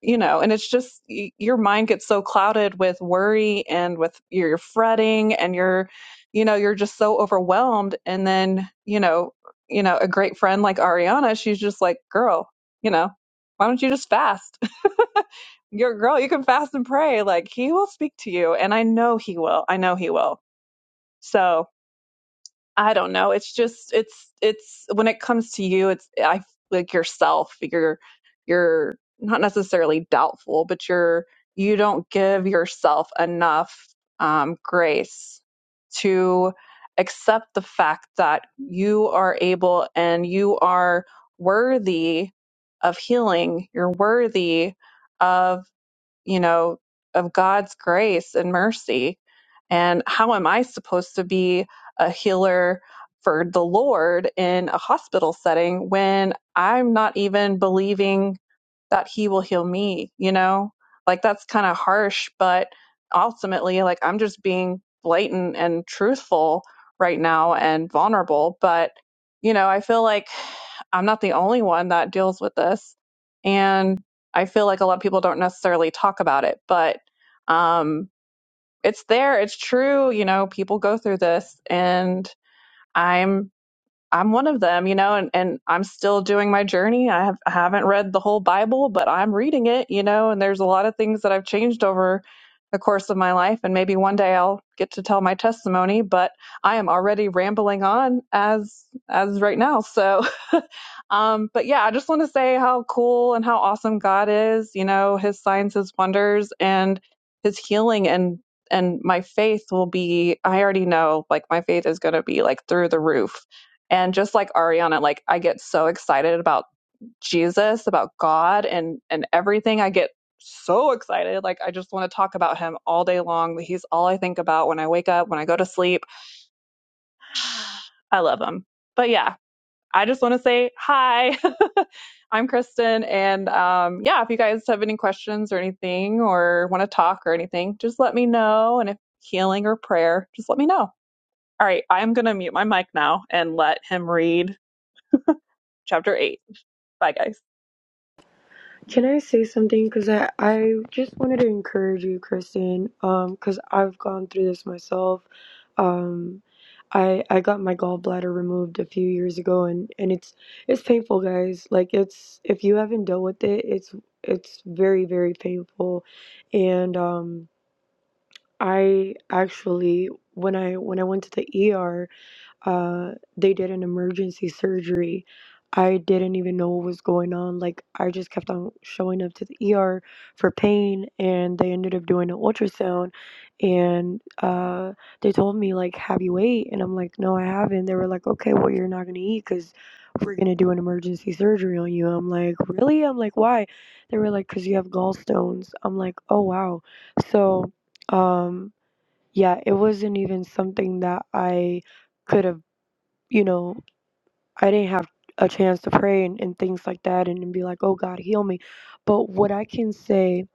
you know, and it's just y- your mind gets so clouded with worry and with your your fretting and you're, you know, you're just so overwhelmed. And then, you know, you know, a great friend like Ariana, she's just like, girl, you know, why don't you just fast? your girl, you can fast and pray. Like he will speak to you. And I know he will. I know he will. So I don't know. It's just it's it's when it comes to you, it's I like yourself, you're you're not necessarily doubtful, but you're you don't give yourself enough um grace to accept the fact that you are able and you are worthy of healing. You're worthy of you know, of God's grace and mercy. And how am I supposed to be a healer for the Lord in a hospital setting when I'm not even believing that He will heal me? You know, like that's kind of harsh, but ultimately, like I'm just being blatant and truthful right now and vulnerable. But, you know, I feel like I'm not the only one that deals with this. And I feel like a lot of people don't necessarily talk about it, but um, it's there. It's true. You know, people go through this, and I'm I'm one of them, you know, and, and I'm still doing my journey. I have I haven't read the whole Bible, but I'm reading it, you know, and there's a lot of things that I've changed over the course of my life and maybe one day I'll get to tell my testimony, but I am already rambling on as as right now. So um but yeah, I just want to say how cool and how awesome God is, you know, his signs, his wonders and his healing and and my faith will be I already know like my faith is going to be like through the roof and just like Ariana, like I get so excited about Jesus, about God and and everything. I get so excited. Like I just want to talk about him all day long. He's all I think about when I wake up, when I go to sleep. I love him. But yeah, I just want to say hi. I'm Kristen and um yeah, if you guys have any questions or anything or want to talk or anything, just let me know and if healing or prayer, just let me know. All right, I'm going to mute my mic now and let him read chapter 8. Bye guys.
Can I say something? Because I, I just wanted to encourage you, Kristen, because I've gone through this myself. Um, I I got my gallbladder removed a few years ago, and, and it's it's painful, guys. Like it's if you haven't dealt with it, it's it's very very painful, and um, I actually when I when I went to the ER uh they did an emergency surgery i didn't even know what was going on like i just kept on showing up to the er for pain and they ended up doing an ultrasound and uh they told me like have you ate and i'm like no i haven't they were like okay well you're not going to eat because we're going to do an emergency surgery on you i'm like really i'm like why they were like because you have gallstones i'm like oh wow so um yeah it wasn't even something that i could have you know, I didn't have a chance to pray and, and things like that and, and be like, oh God, heal me. But what I can say,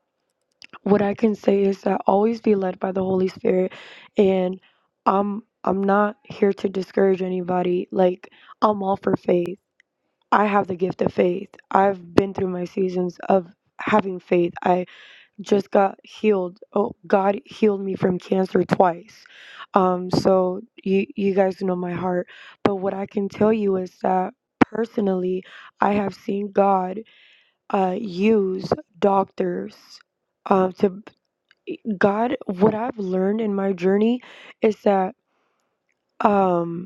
what I can say is that always be led by the Holy Spirit and I'm I'm not here to discourage anybody. Like I'm all for faith. I have the gift of faith. I've been through my seasons of having faith. I just got healed. Oh, God healed me from cancer twice. Um, so you you guys know my heart, but what I can tell you is that personally, I have seen God uh, use doctors uh, to God. What I've learned in my journey is that. Um,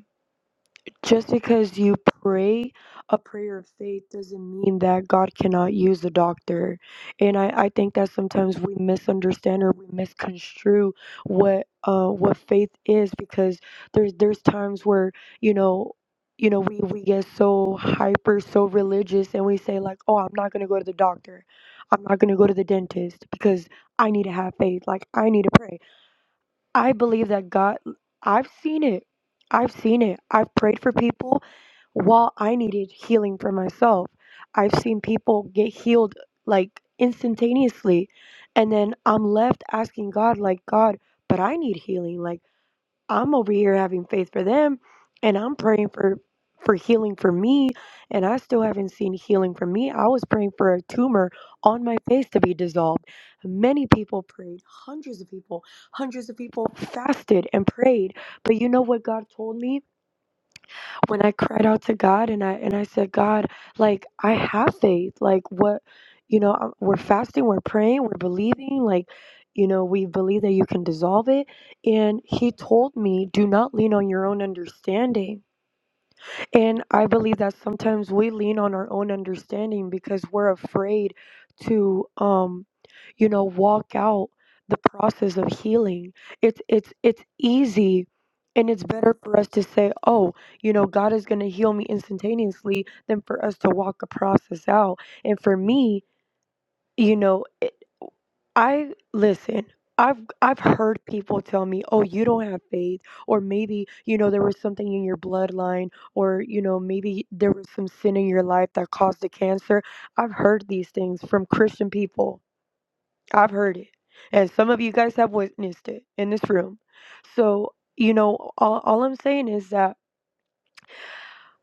just because you pray a prayer of faith doesn't mean that God cannot use a doctor. And I, I think that sometimes we misunderstand or we misconstrue what uh what faith is because there's there's times where, you know, you know, we, we get so hyper, so religious and we say like, Oh, I'm not gonna go to the doctor. I'm not gonna go to the dentist because I need to have faith. Like I need to pray. I believe that God, I've seen it. I've seen it. I've prayed for people while I needed healing for myself. I've seen people get healed like instantaneously. And then I'm left asking God, like, God, but I need healing. Like, I'm over here having faith for them and I'm praying for for healing for me and I still haven't seen healing for me. I was praying for a tumor on my face to be dissolved. Many people prayed, hundreds of people, hundreds of people fasted and prayed. But you know what God told me? when I cried out to God and I and I said, God, like I have faith. Like what, you know, i we're fasting, we're praying, we're believing. Like, you know, we believe that you can dissolve it. And He told me, do not lean on your own understanding and I believe that sometimes we lean on our own understanding because we're afraid to um you know walk out the process of healing. It's it's it's easy and it's better for us to say, "Oh, you know, God is going to heal me instantaneously," than for us to walk a process out. And for me, you know, I listen. I've I've heard people tell me, "Oh, you don't have faith," or maybe you know there was something in your bloodline, or you know maybe there was some sin in your life that caused the cancer. I've heard these things from Christian people. I've heard it, and some of you guys have witnessed it in this room. So you know, all, all I'm saying is that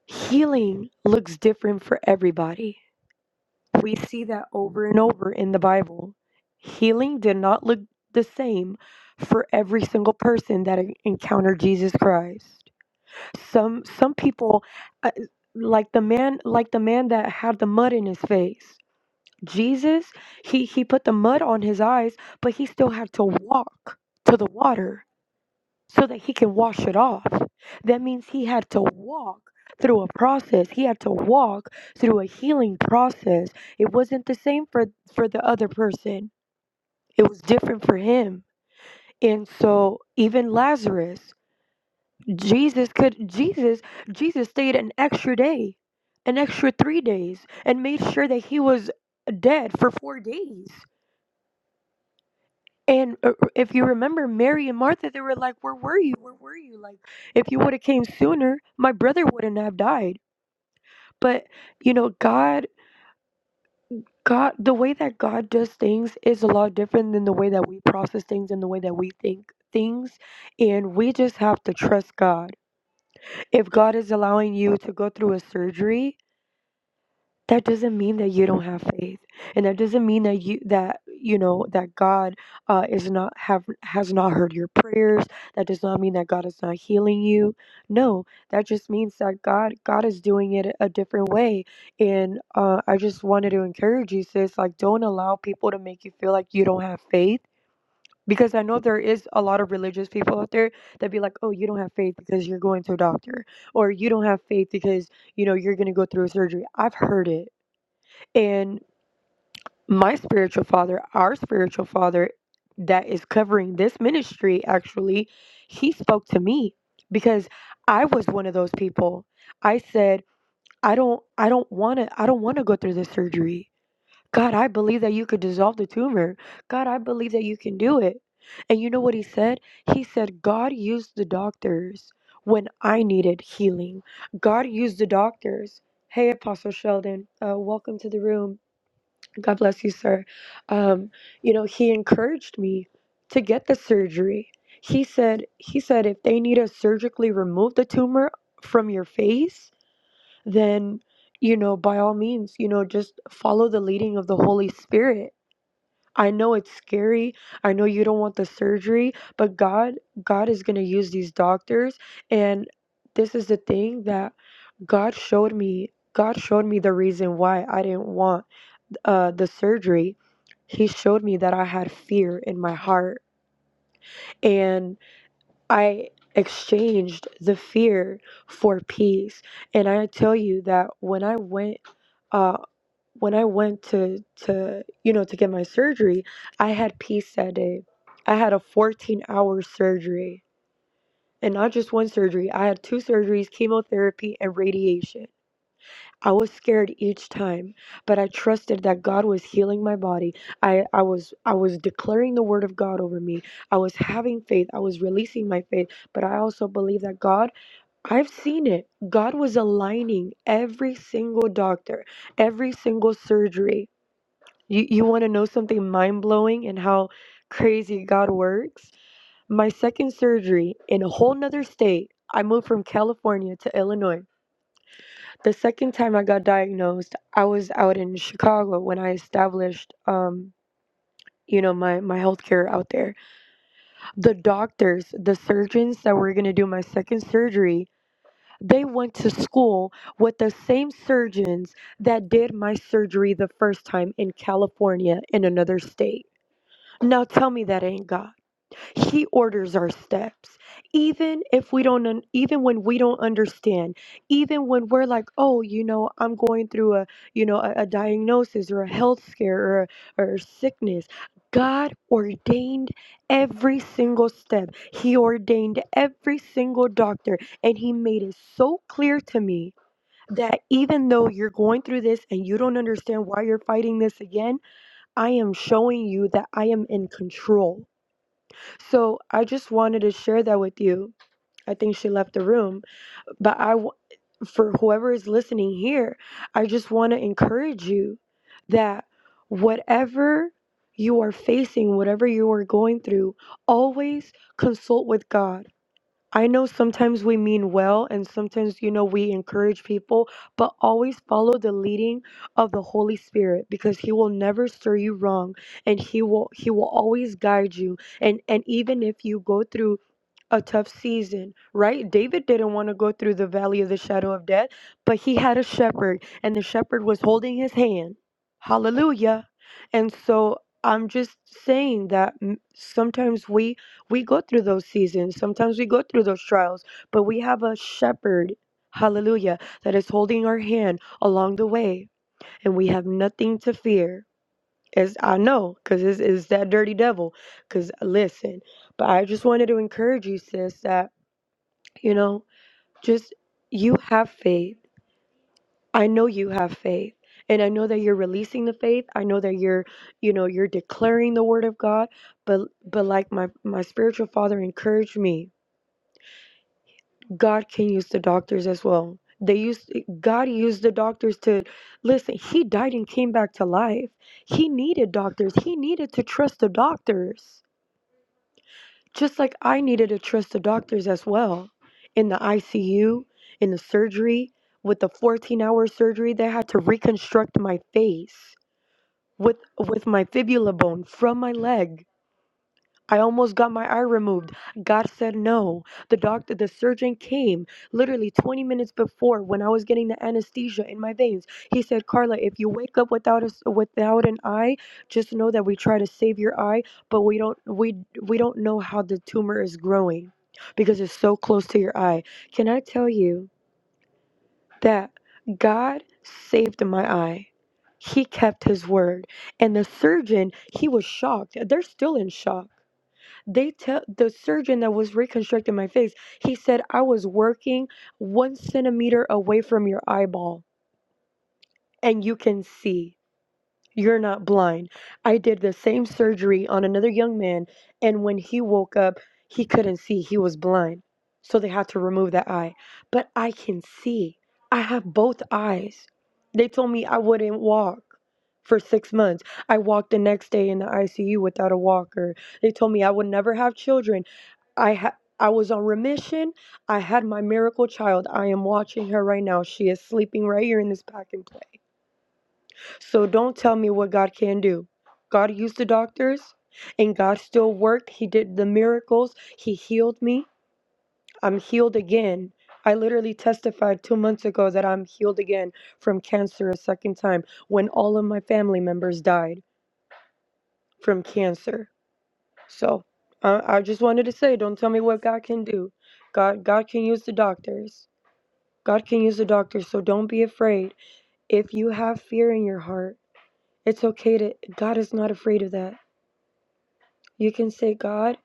healing looks different for everybody we see that over and over in the Bible. Healing did not look the same for every single person that en- encountered Jesus Christ. Some some people uh, like the man like the man that had the mud in his face. Jesus, he he put the mud on his eyes, but he still had to walk to the water so that he can wash it off. That means he had to walk through a process. He had to walk through a healing process. It wasn't the same for for the other person. It was different for him. And so even Lazarus, Jesus could Jesus Jesus stayed an extra day, an extra 3 days and made sure that he was dead for 4 days. And uh, uh, if you remember, Mary and Martha, they were like, "Where were you? Where were you? Like, if you would have came sooner, my brother wouldn't have died." But you know, God, God, the way that God does things is a lot different than the way that we process things and the way that we think things. And we just have to trust God. If God is allowing you to go through a surgery, that doesn't mean that you don't have faith and that doesn't mean that you that you know that god uh, is not have has not heard your prayers that does not mean that god is not healing you no that just means that god god is doing it a different way and uh, i just wanted to encourage you sis like don't allow people to make you feel like you don't have faith because i know there is a lot of religious people out there that be like oh you don't have faith because you're going to a doctor or you don't have faith because you know you're going to go through a surgery i've heard it and my spiritual father, our spiritual father that is covering this ministry, actually, he spoke to me because I was one of those people. I said, I don't I don't wanna I don't wanna go through this surgery. God, I believe that you could dissolve the tumor. God, I believe that you can do it. And you know what he said? He said, God used the doctors when I needed healing. God used the doctors. Hey, Apostle Sheldon, uh, welcome to the room God bless you, sir. Um, you know, he encouraged me to get the surgery. He said, he said, if they need to surgically remove the tumor from your face, then, you know, by all means, you know, just follow the leading of the Holy Spirit. I know it's scary. I know you don't want the surgery, but God, God is going to use these doctors. And this is the thing that God showed me. God showed me the reason why I didn't want uh, the surgery, he showed me that I had fear in my heart. And I exchanged the fear for peace. And I tell you that when I went, uh, when I went to, to, you know, to get my surgery, I had peace that day. I had a 14 hour surgery and not just one surgery. I had two surgeries, chemotherapy and radiation I was scared each time, but I trusted that God was healing my body. I, I was I was declaring the word of God over me. I was having faith. I was releasing my faith, but I also believe that God, I've seen it. God was aligning every single doctor, every single surgery. You you want to know something mind-blowing and how crazy God works? My second surgery in a whole nother state. I moved from California to Illinois the second time I got diagnosed, I was out in Chicago when I established, um, you know, my my healthcare out there. The doctors, the surgeons that were gonna do my second surgery, they went to school with the same surgeons that did my surgery the first time in California in another state. Now tell me that ain't God. He orders our steps. Even if we don't un- even when we don't understand, even when we're like, "Oh, you know, I'm going through a, you know, a, a diagnosis or a health scare or or sickness." God ordained every single step. He ordained every single doctor and he made it so clear to me that even though you're going through this and you don't understand why you're fighting this again, I am showing you that I am in control. So I just wanted to share that with you. I think she left the room, but I, w- for whoever is listening here, I just want to encourage you that whatever you are facing, whatever you are going through, always consult with God I know sometimes we mean well and sometimes, you know, we encourage people, but always follow the leading of the Holy Spirit because he will never steer you wrong and he will he will always guide you. And and even if you go through a tough season, right? David didn't want to go through the valley of the shadow of death, but he had a shepherd, and the shepherd was holding his hand. Hallelujah. And so I'm just saying that m- sometimes we we go through those seasons, sometimes we go through those trials, but we have a shepherd, hallelujah, that is holding our hand along the way, and we have nothing to fear. As I know, because it's, it's that dirty devil. Because listen, but I just wanted to encourage you, sis, that you know just you have faith i know you have faith and i know that you're releasing the faith i know that you're you know you're declaring the word of god but but like my my spiritual father encouraged me god can use the doctors as well they used god used the doctors to listen he died and came back to life he needed doctors he needed to trust the doctors Just like I needed to trust the doctors as well in the ICU, in the surgery, with the 14 hour surgery, they had to reconstruct my face with with my fibula bone from my leg. I almost got my eye removed. God said no. The doctor, the surgeon came literally 20 minutes before when I was getting the anesthesia in my veins. He said, "Carla, if you wake up without us without an eye, just know that we try to save your eye, but we don't we we don't know how the tumor is growing because it's so close to your eye." Can I tell you that God saved my eye? He kept his word. And the surgeon, he was shocked. They're still in shock they tell the surgeon that was reconstructing my face he said i was working one centimeter away from your eyeball and you can see you're not blind. I did the same surgery on another young man, and when he woke up, he couldn't see. He was blind. So they had to remove that eye. But I can see. I have both eyes. They told me I wouldn't walk for six months. I walked the next day in the ICU without a walker. They told me I would never have children. I ha- I was on remission. I had my miracle child. I am watching her right now. She is sleeping right here in this packing place. So don't tell me what God can do. God used the doctors and God still worked. He did the miracles. He healed me. I'm healed again. I literally testified two months ago that I'm healed again from cancer a second time when all of my family members died from cancer. So uh, I just wanted to say, don't tell me what God can do. God, God can use the doctors. God can use the doctors. So don't be afraid. If you have fear in your heart, it's okay to. God is not afraid of that. You can say, God,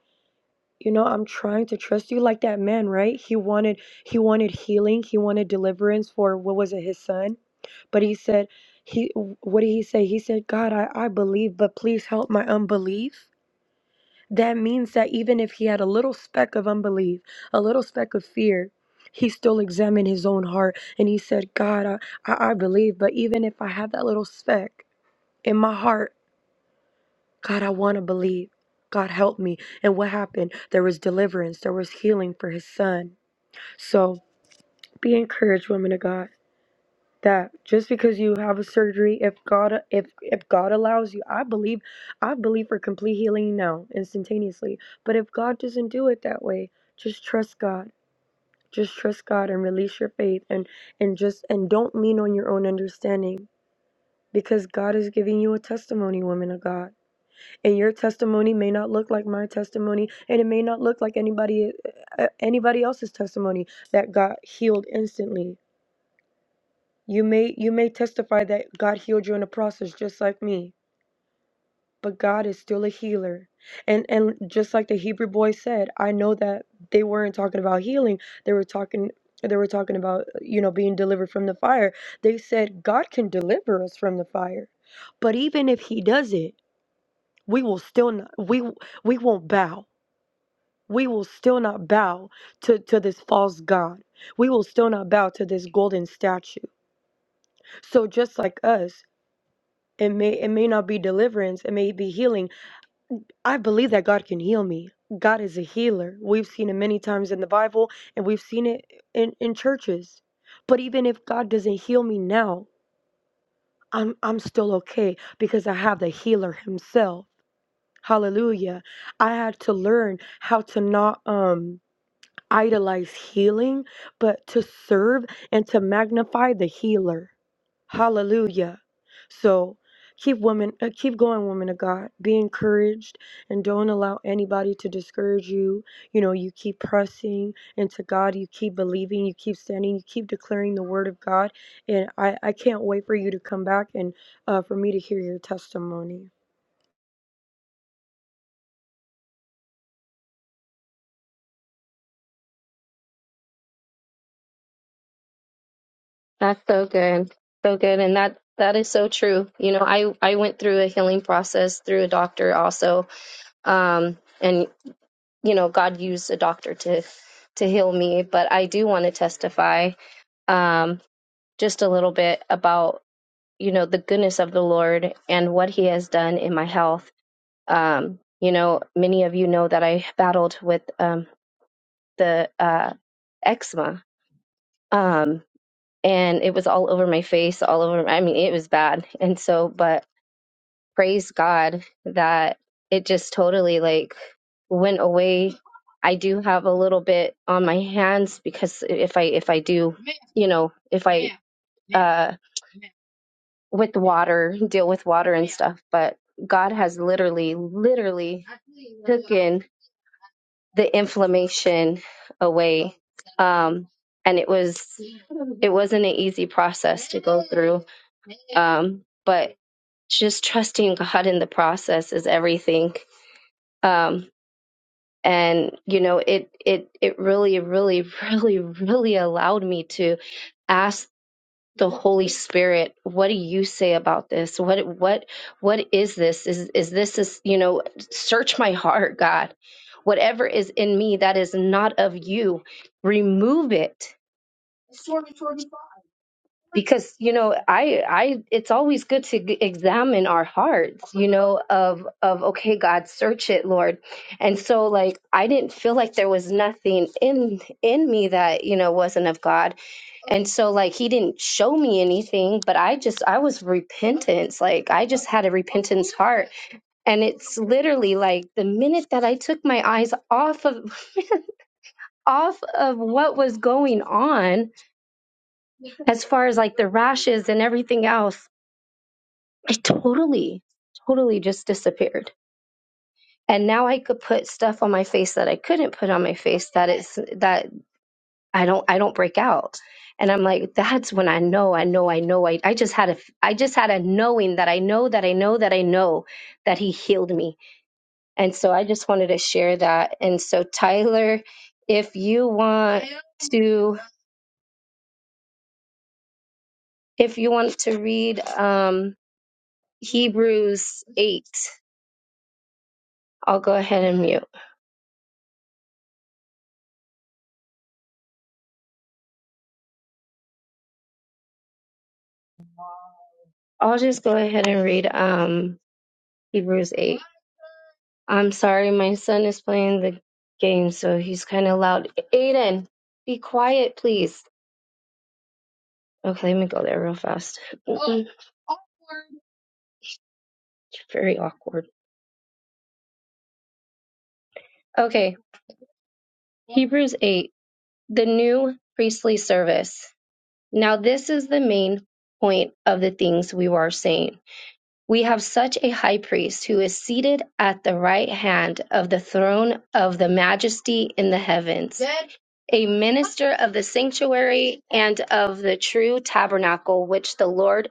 you know, I'm trying to trust you like that man, right? He wanted he wanted healing, he wanted deliverance for what was it, his son? But he said, he what did he say? He said, God, I, I believe, but please help my unbelief. That means that even if he had a little speck of unbelief, a little speck of fear, he still examined his own heart and he said, God, I, I I believe, but even if I have that little speck in my heart, God, I want to believe. God, help me. And what happened? There was deliverance, there was healing for his son. So be encouraged, women of God. That just because you have a surgery, if God if if God allows you, I believe I believe for complete healing now, instantaneously. But if God doesn't do it that way, just trust God. Just trust God and release your faith and and just and don't lean on your own understanding because God is giving you a testimony, women of God. and your testimony may not look like my testimony and it may not look like anybody uh, anybody else's testimony that got healed instantly you may you may testify that god healed you in the process just like me but god is still a healer and and just like the hebrew boy said i know that they weren't talking about healing they were talking they were talking about you know being delivered from the fire they said god can deliver us from the fire but even if he does it we will still not we we won't bow we will still not bow to, to this false god. We will still not bow to this golden statue. So just like us, it may it may not be deliverance, it may be healing. I believe that God can heal me. God is a healer. We've seen it many times in the Bible and we've seen it in, in churches. But even if God doesn't heal me now, I'm I'm still okay because I have the healer himself. Hallelujah. I had to learn how to not um idolize healing, but to serve and to magnify the healer. Hallelujah. So keep women uh, keep going woman of God. Be encouraged and don't allow anybody to discourage you. You know, you keep pressing into God, you keep believing, you keep standing, you keep declaring the word of God. And I I can't wait for you to come back and uh, for me to hear your testimony.
That's so good. So good. And that that is so true. You know, I I went through a healing process through a doctor also. Um and you know, God used a doctor to to heal me, but I do want to testify um just a little bit about, you know, the goodness of the Lord and what he has done in my health. Um, you know, many of you know that I battled with um the uh eczema. Um and it was all over my face, all over. I mean, it was bad. And so, but praise God that it just totally like went away. I do have a little bit on my hands because if I if I do, you know, if I Yeah. yeah. uh with water, deal with water and Yeah. stuff, but God has literally literally taken the inflammation away. Um and it was it wasn't an easy process to go through. Um but just trusting God in the process is everything. Um, and you know, it it it really, really, really, really allowed me to ask the Holy Spirit, "What do you say about this? What what what is this? Is is this is you know? Search my heart, God. Whatever is in me that is not of you, remove it." because you know i i it's always good to g- examine our hearts you know of of okay god search it lord and so like i didn't feel like there was nothing in in me that you know wasn't of god and so like he didn't show me anything but i just i was repentance like i just had a repentance heart and it's literally like the minute that i took my eyes off of off of what was going on as far as like the rashes and everything else I totally, totally just disappeared. And now I could put stuff on my face that I couldn't put on my face that it's that I don't I don't break out. And I'm like, that's when I know, I know, I know. I, I just had a I just had a knowing that I know that I know that I know that he healed me. And so I just wanted to share that. And so Tyler, if you want to if you want to read um Hebrews eight, I'll go ahead and mute. I'll just go ahead and read um Hebrews 8. I'm sorry, my son is playing the game, so he's kind of loud. Aiden, be quiet, please. Okay, let me go there real fast. Mm-mm, Very awkward. Okay, Hebrews 8, the new priestly service. Now, this is the main point of the things we were saying. We have such a high priest who is seated at the right hand of the throne of the majesty in the heavens. a minister of the sanctuary and of the true tabernacle which the Lord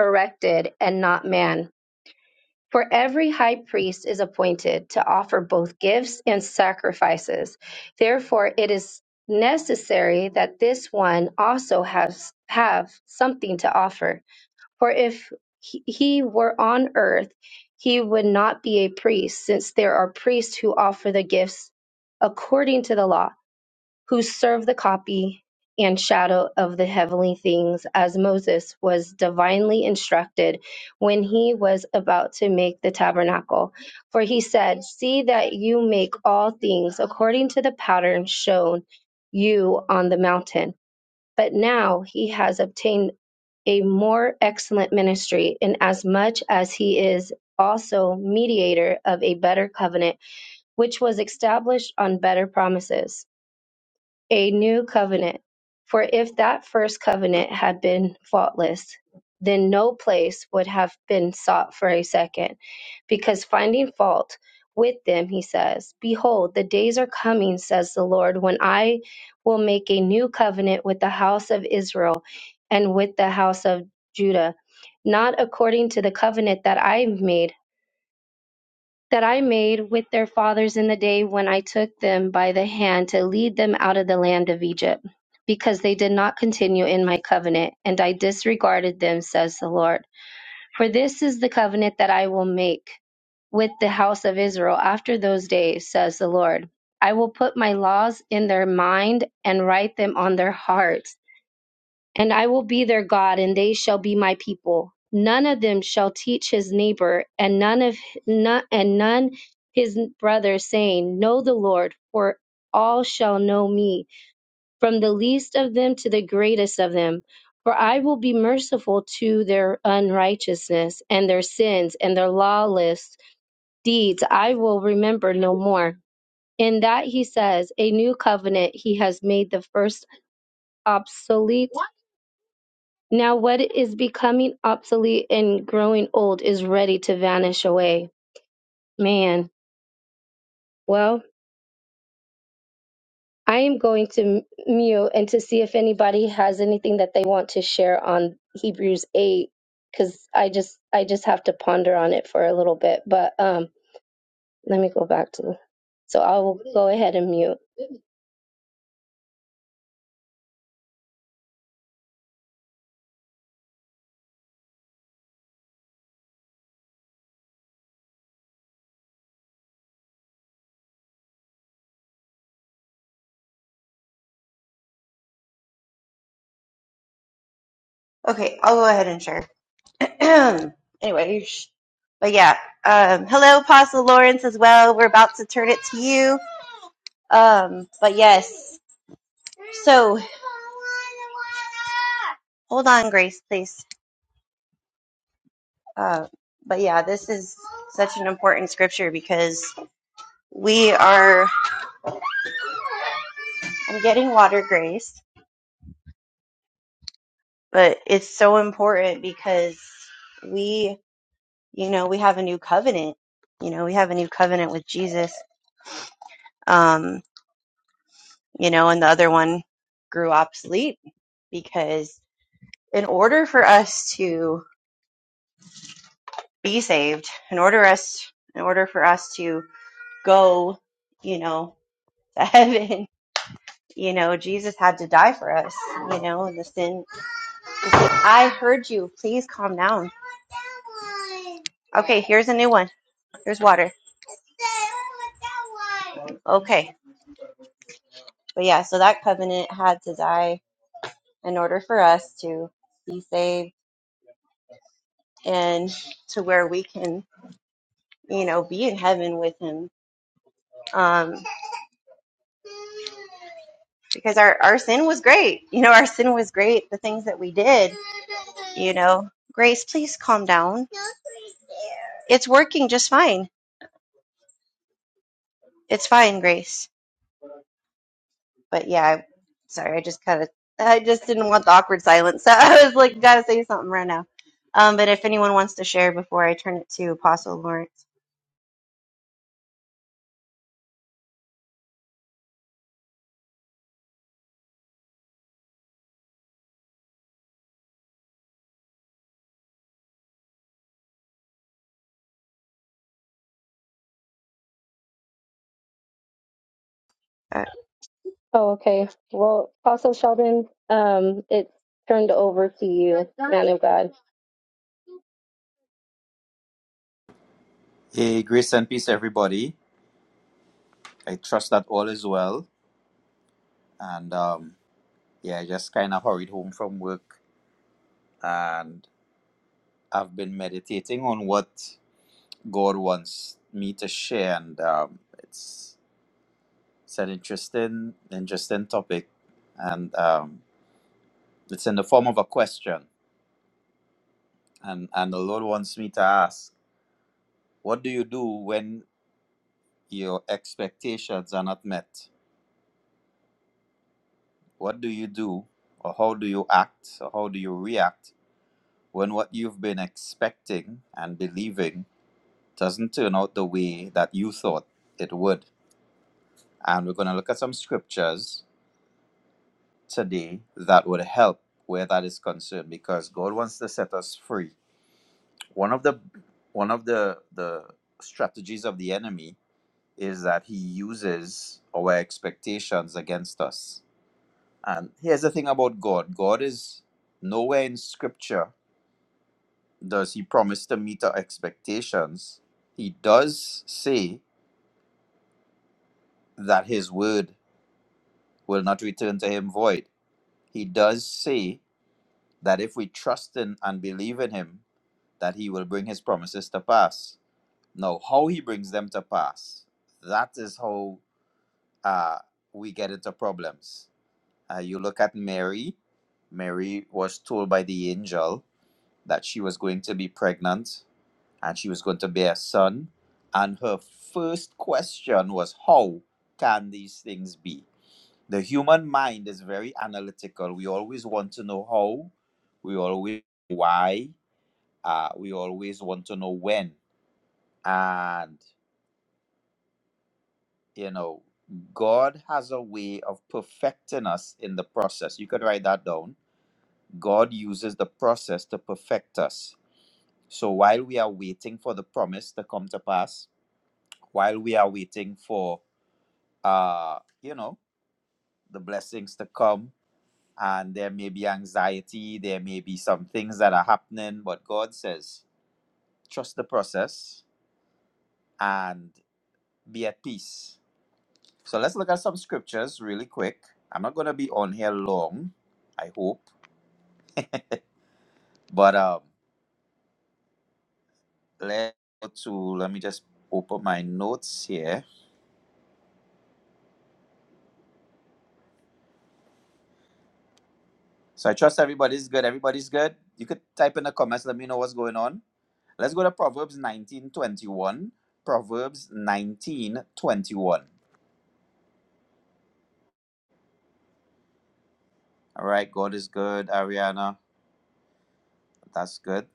erected and not man. For every high priest is appointed to offer both gifts and sacrifices. Therefore, it is necessary that this one also has have something to offer. For if he he were on earth, he would not be a priest, since there are priests who offer the gifts according to the law who serve the copy and shadow of the heavenly things, as Moses was divinely instructed when he was about to make the tabernacle. For he said, See that you make all things according to the pattern shown you on the mountain. But now he has obtained a more excellent ministry, inasmuch as he is also mediator of a better covenant, which was established on better promises a new covenant. For if that first covenant had been faultless, then no place would have been sought for a second. Because finding fault with them, he says, Behold, the days are coming, says the Lord, when I will make a new covenant with the house of Israel and with the house of Judah, not according to the covenant that I made that I made with their fathers in the day when I took them by the hand to lead them out of the land of Egypt, because they did not continue in my covenant, and I disregarded them, says the Lord. For this is the covenant that I will make with the house of Israel after those days, says the Lord. I will put my laws in their mind and write them on their hearts and I will be their God, and they shall be my people. None of them shall teach his neighbor, and none of none, and none his brother, saying, Know the Lord, for all shall know me, from the least of them to the greatest of them. For I will be merciful to their unrighteousness and their sins and their lawless deeds. I will remember no more. In that he says, a new covenant he has made the first obsolete now, what is becoming obsolete and growing old is ready to vanish away. Man, well, I am going to mute and to see if anybody has anything that they want to share on Hebrews 8 cuz I just I just have to ponder on it for a little bit. But um let me go back to So I will go ahead and mute.
Okay, I'll go ahead and share. anyway, sh- but yeah, um, hello, Apostle Lawrence as well. We're about to turn it to you. Um, but yes, so hold on, Grace, please. Uh, but yeah, this is such an important scripture because we are. I'm getting water, Grace, but it's so important because we, you know, we have a new covenant. You know, we have a new covenant with Jesus. Um, you know, and the other one grew obsolete because in order for us to be saved, in order us in order for us to go, you know, to heaven, you know, Jesus had to die for us, you know, and the sin. I heard you. Please calm down. Okay, here's a new one. Here's water. Okay. But yeah, so that covenant had to die in order for us to be saved and to where we can, you know, be in heaven with him. Um because our, our sin was great. You know, our sin was great, the things that we did, you know. Grace, please calm down. It's working just fine. It's fine, Grace. But yeah, I- sorry, I just kind of, I just didn't want the awkward silence. So I was like, gotta say something right now. Um, but if anyone wants to share before I turn it to Apostle Lawrence. Uh,
Oh, okay. Well, also Sheldon, um it's turned over to you, man of God.
Hey, grace and peace, everybody. I trust that all is well. And um, yeah, I just kind of hurried home from work and I've been meditating on what God wants me to share. And um, it's, it's an interesting, interesting topic. And um, it's in the form of a question. And, and the Lord wants me to ask, what do you do when your expectations are not met? What do you do, or how do you act, or how do you react when what you've been expecting and believing doesn't turn out the way that you thought it would. And we're going to look at some scriptures today that would help where that is concerned because God wants to set us free. One of the one of the the strategies of the enemy is that he uses our expectations against us. And here's the thing about God. God is nowhere in scripture does he promise to meet our expectations, he does say that his word will not return to him void. He does say that if we trust in and believe in him, that he will bring his promises to pass. Now, how he brings them to pass, that is how uh, we get into problems. Uh, you look at Mary. Mary was told by the angel that she was going to be pregnant and she was going to bear a son. And her first question was, How can these things be? The human mind is very analytical. We always want to know how, we always why, uh, we always want to know when. And, you know, God has a way of perfecting us in the process. You could write that down. God uses the process to perfect us. So while we are waiting for the promise to come to pass, while we are waiting for uh, you know, the blessings to come. And there may be anxiety, there may be some things that are happening, but God says, trust the process and be at peace. So let's look at some scriptures really quick. I'm not going to be on here long, I hope, but um, let's go to, let me just open my notes here. So I trust everybody's good. Everybody's good. You could type in the comments, let me know what's going on. Let's go to Proverbs 19:21. Proverbs 19:21. All right, God is good, Ariana. That's good.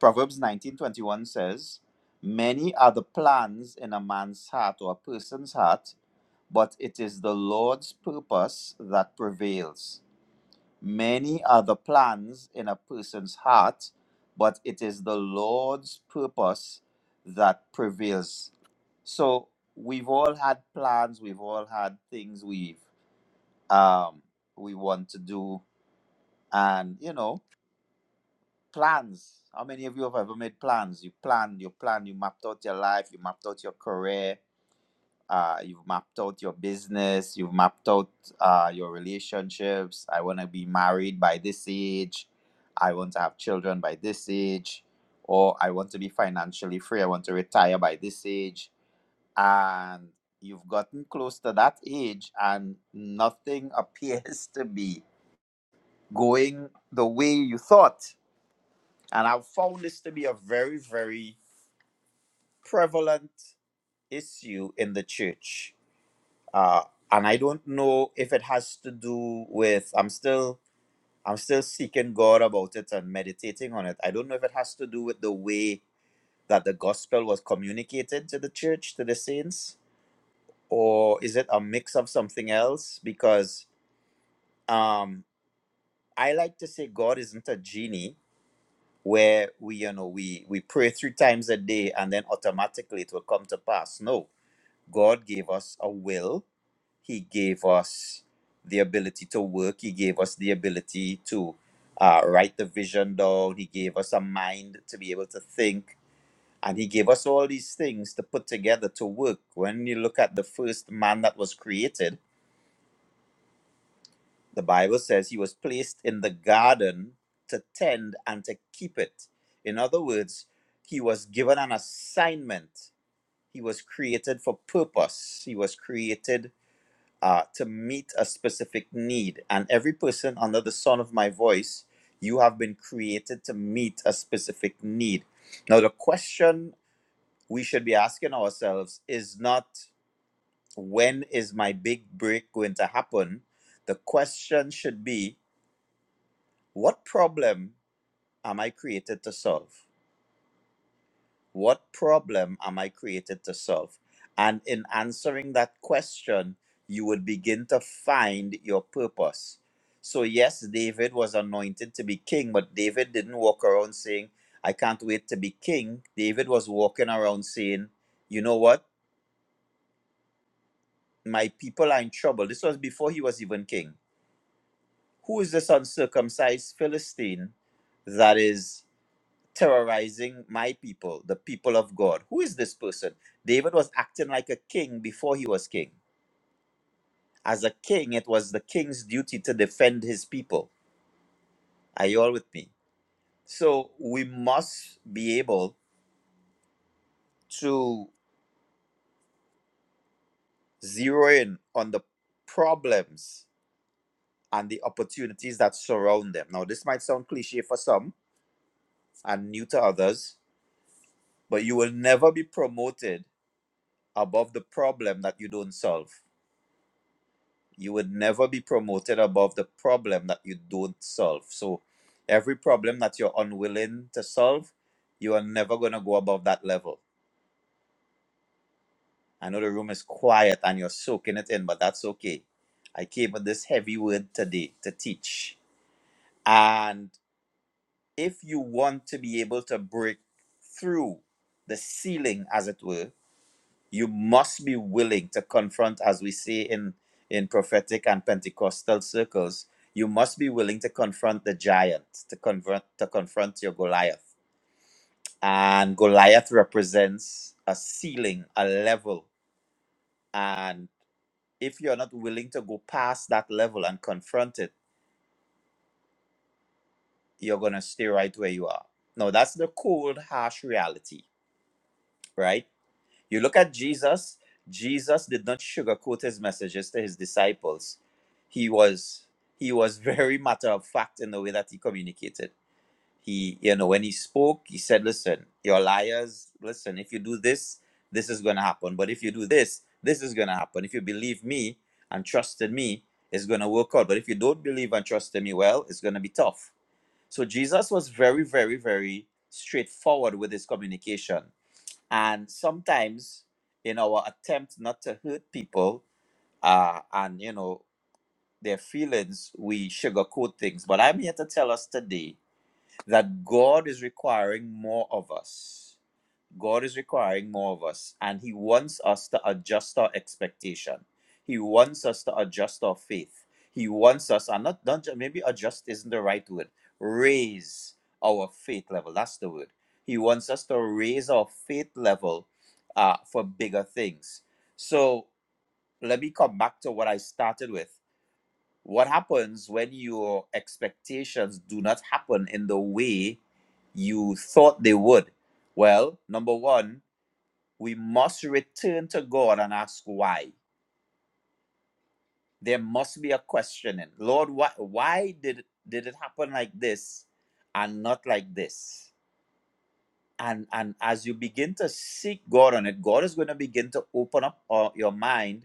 Proverbs 19:21 says, "Many are the plans in a man's heart or a person's heart, but it is the Lord's purpose that prevails." Many are the plans in a person's heart, but it is the Lord's purpose that prevails. So we've all had plans, we've all had things we've um we want to do, and you know, plans. How many of you have ever made plans? You planned, you planned, you mapped out your life, you mapped out your career, uh, you've mapped out your business, you've mapped out uh, your relationships. I want to be married by this age, I want to have children by this age, or I want to be financially free, I want to retire by this age. And you've gotten close to that age, and nothing appears to be going the way you thought. And I've found this to be a very, very prevalent issue in the church uh, and I don't know if it has to do with I'm still I'm still seeking God about it and meditating on it. I don't know if it has to do with the way that the gospel was communicated to the church to the saints, or is it a mix of something else? Because um, I like to say God isn't a genie where we you know we we pray three times a day and then automatically it will come to pass. No, God gave us a will He gave us the ability to work. He gave us the ability to uh, write the vision down. He gave us a mind to be able to think. And he gave us all these things to put together to work. When you look at the first man that was created, the Bible says he was placed in the garden to tend and to keep it. In other words, he was given an assignment. He was created for purpose. He was created uh, to meet a specific need. And every person under the sound of my voice, you have been created to meet a specific need. Now, the question we should be asking ourselves is not when is my big break going to happen? The question should be what problem am I created to solve? What problem am I created to solve? And in answering that question, you would begin to find your purpose. So, yes, David was anointed to be king, but David didn't walk around saying, I can't wait to be king. David was walking around saying, You know what? My people are in trouble. This was before he was even king. Who is this uncircumcised Philistine that is? terrorizing my people, the people of God. Who is this person? David was acting like a king before he was king. As a king, it was the king's duty to defend his people. Are you all with me? So we must be able to zero in on the problems and the opportunities that surround them. Now, this might sound cliche for some and new to others, but you will never be promoted above the problem that you don't solve. you would never be promoted above the problem that you don't solve. So every problem that you're unwilling to solve, you are never going to go above that level. I know the room is quiet and you're soaking it in, but that's okay. I came with this heavy word today to teach. And if you want to be able to break through the ceiling, as it were, you must be willing to confront as we say in in prophetic and pentecostal circles you must be willing to confront the giant to convert to confront your goliath and goliath represents a ceiling a level and if you're not willing to go past that level and confront it you're going to stay right where you are now that's the cold harsh reality right You look at Jesus, Jesus did not sugarcoat his messages to his disciples. He was he was very matter of fact in the way that he communicated. He, you know, when he spoke, he said, Listen, you're liars, listen, if you do this, this is gonna happen. But if you do this, this is gonna happen. If you believe me and trust in me, it's gonna work out. But if you don't believe and trust in me, well, it's gonna be tough. So Jesus was very, very, very straightforward with his communication and sometimes, in our attempt not to hurt people uh, and you know their feelings, we sugarcoat things. But I'm here to tell us today that God is requiring more of us. God is requiring more of us, and He wants us to adjust our expectation. He wants us to adjust our faith. He wants us, and not, not ju- maybe adjust isn't the right word, raise our faith level. That's the word. He wants us to raise our faith level uh, for bigger things. So let me come back to what I started with. What happens when your expectations do not happen in the way you thought they would? Well, number one, we must return to God and ask why. There must be a questioning. Lord, why, why did, did it happen like this and not like this? and and as you begin to seek god on it god is going to begin to open up uh, your mind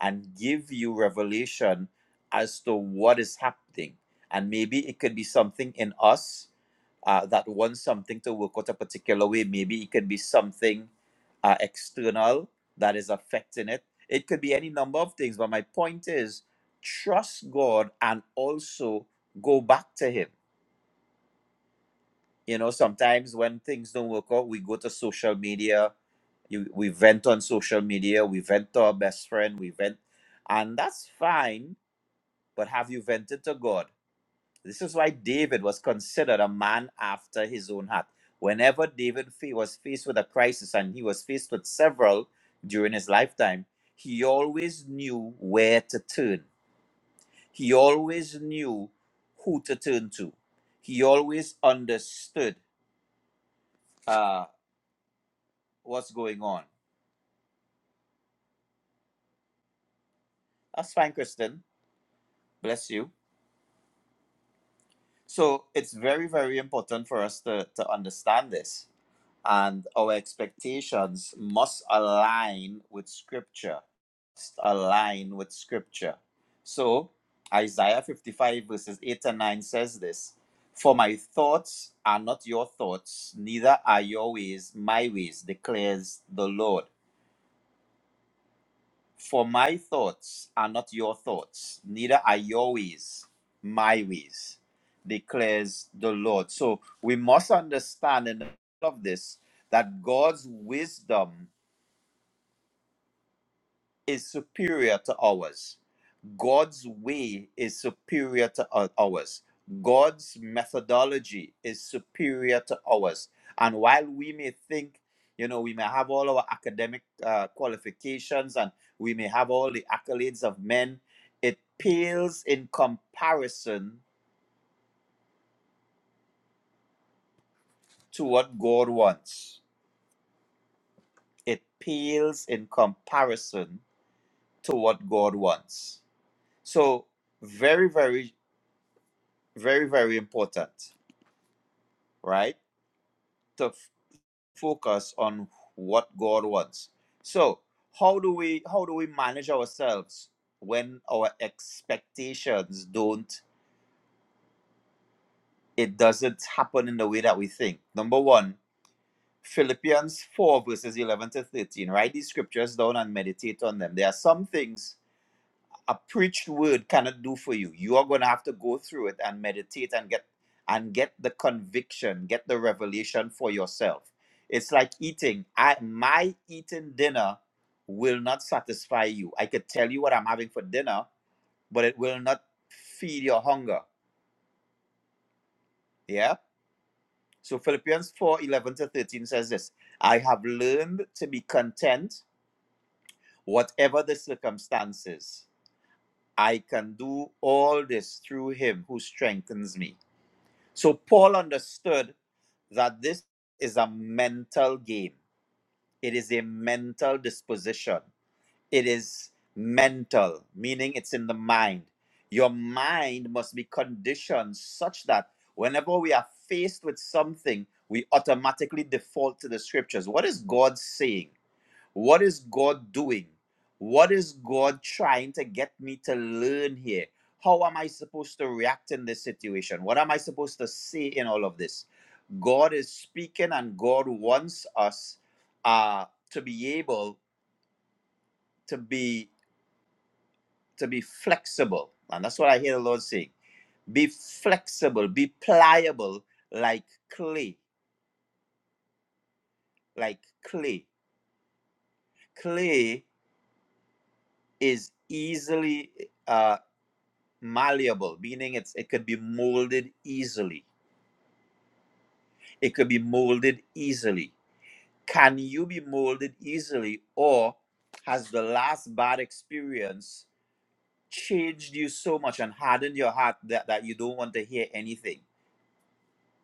and give you revelation as to what is happening and maybe it could be something in us uh, that wants something to work out a particular way maybe it could be something uh, external that is affecting it it could be any number of things but my point is trust god and also go back to him you know, sometimes when things don't work out, we go to social media. You, we vent on social media. We vent to our best friend. We vent, and that's fine. But have you vented to God? This is why David was considered a man after his own heart. Whenever David fa- was faced with a crisis, and he was faced with several during his lifetime, he always knew where to turn. He always knew who to turn to. He always understood uh, what's going on. That's fine, Kristen. Bless you. So it's very, very important for us to, to understand this. And our expectations must align with Scripture. Must align with Scripture. So Isaiah 55, verses 8 and 9 says this For my thoughts are not your thoughts, neither are your ways my ways, declares the Lord. For my thoughts are not your thoughts, neither are your ways my ways, declares the Lord. So we must understand in all of this that God's wisdom is superior to ours. God's way is superior to ou- ours. God's methodology is superior to ours. And while we may think, you know, we may have all our academic uh, qualifications and we may have all the accolades of men, it pales in comparison to what God wants. It pales in comparison to what God wants. So, very, very, very, very important, right? To focus on what God wants. So, how do we how do we manage ourselves when our expectations don't it doesn't happen in the way that we think? Number one, Philippians 4 verses 11 to 13. Write these scriptures down and meditate on them. There are some things a preached word cannot do for you. You are going to have to go through it and meditate and get and get the conviction, get the revelation for yourself. It's like eating. I my eating dinner will not satisfy you. I could tell you what I'm having for dinner, but it will not feed your hunger. Yeah? So Philippians 4 11 to 13 says this, I have learned to be content, whatever the circumstances. I can do all this through him who strengthens me. So Paul understood that this is a mental game. It is a mental disposition. It is mental, meaning it's in the mind. Your mind must be conditioned such that whenever we are faced with something, we automatically default to the scriptures. What is God saying? What is God doing? What is God trying to get me to learn here? How am I supposed to react in this situation? What am I supposed to say in all of this? God is speaking, and God wants us uh, to be able to be to be flexible, and that's what I hear the Lord saying: be flexible, be pliable, like clay, like clay. Clay is easily uh, malleable, meaning it's it could be molded easily. It could be molded easily. Can you be molded easily, or has the last bad experience changed you so much and hardened your heart that, that you don't want to hear anything?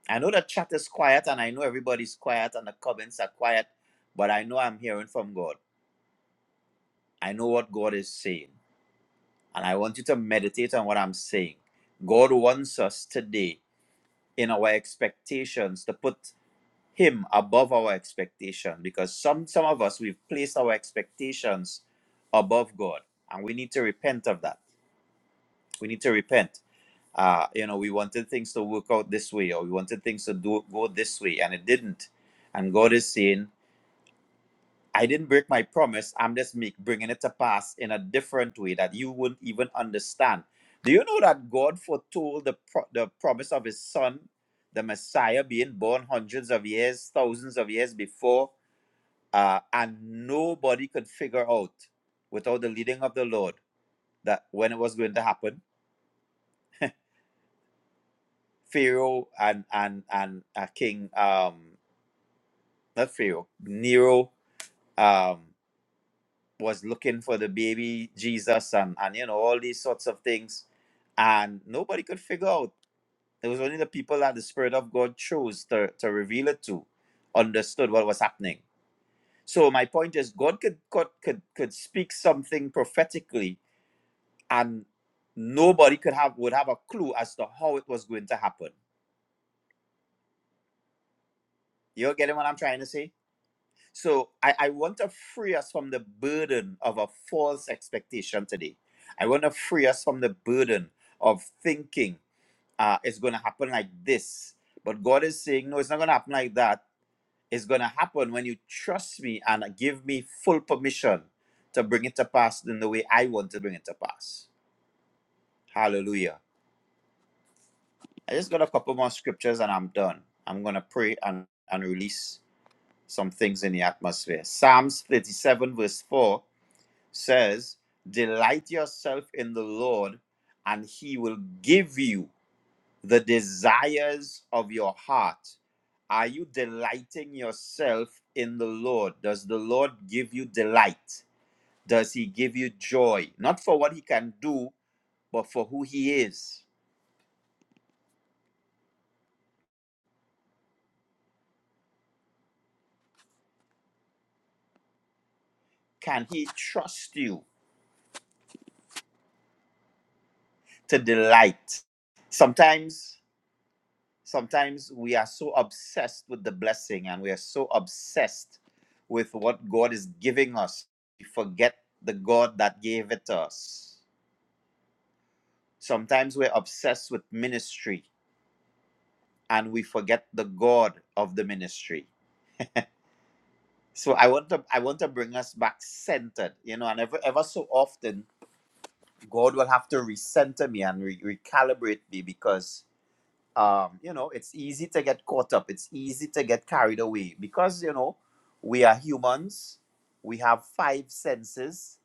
I know the chat is quiet and I know everybody's quiet and the comments are quiet, but I know I'm hearing from God. I know what God is saying. And I want you to meditate on what I'm saying. God wants us today in our expectations to put him above our expectation because some some of us we've placed our expectations above god and we need to repent of that we need to repent uh you know we wanted things to work out this way or we wanted things to do go this way and it didn't and god is saying i didn't break my promise i'm just make, bringing it to pass in a different way that you wouldn't even understand do you know that god foretold the, pro- the promise of his son the messiah being born hundreds of years thousands of years before uh, and nobody could figure out without the leading of the Lord that when it was going to happen. Pharaoh and and and uh, King um not Pharaoh Nero um was looking for the baby Jesus and and you know all these sorts of things, and nobody could figure out. It was only the people that the Spirit of God chose to to reveal it to, understood what was happening. So my point is, God could could could, could speak something prophetically and nobody could have would have a clue as to how it was going to happen. You're getting what I'm trying to say? So I, I want to free us from the burden of a false expectation today. I want to free us from the burden of thinking uh, it's going to happen like this. But God is saying, no, it's not going to happen like that. It's going to happen when you trust me and give me full permission to bring it to pass in the way I want to bring it to pass. Hallelujah. I just got a couple more scriptures and I'm done. I'm going to pray and, and release some things in the atmosphere. Psalms 37, verse 4 says, Delight yourself in the Lord, and he will give you the desires of your heart. Are you delighting yourself in the Lord? Does the Lord give you delight? Does he give you joy? Not for what he can do, but for who he is. Can he trust you? to delight. Sometimes, sometimes we are so obsessed with the blessing and we are so obsessed with what God is giving us, we forget the God that gave it to us. Sometimes we're obsessed with ministry and we forget the God of the ministry. So I want to I want to bring us back centered, you know, and ever ever so often God will have to recenter me and re- recalibrate me because um, you know, it's easy to get caught up. It's easy to get carried away because, you know, we are humans. We have five senses.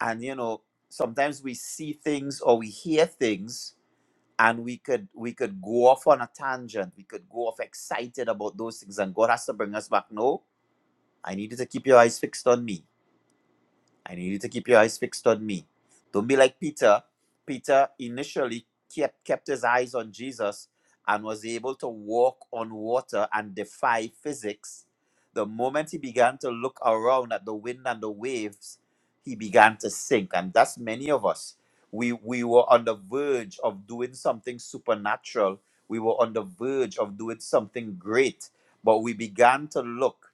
And, you know, sometimes we see things or we hear things and we could we could go off on a tangent. We could go off excited about those things. And God has to bring us back. No, I need you to keep your eyes fixed on me. I need you to keep your eyes fixed on me. Don't be like Peter. Peter initially kept, kept his eyes on Jesus and was able to walk on water and defy physics. The moment he began to look around at the wind and the waves, he began to sink. And that's many of us. We, we were on the verge of doing something supernatural. We were on the verge of doing something great, but we began to look.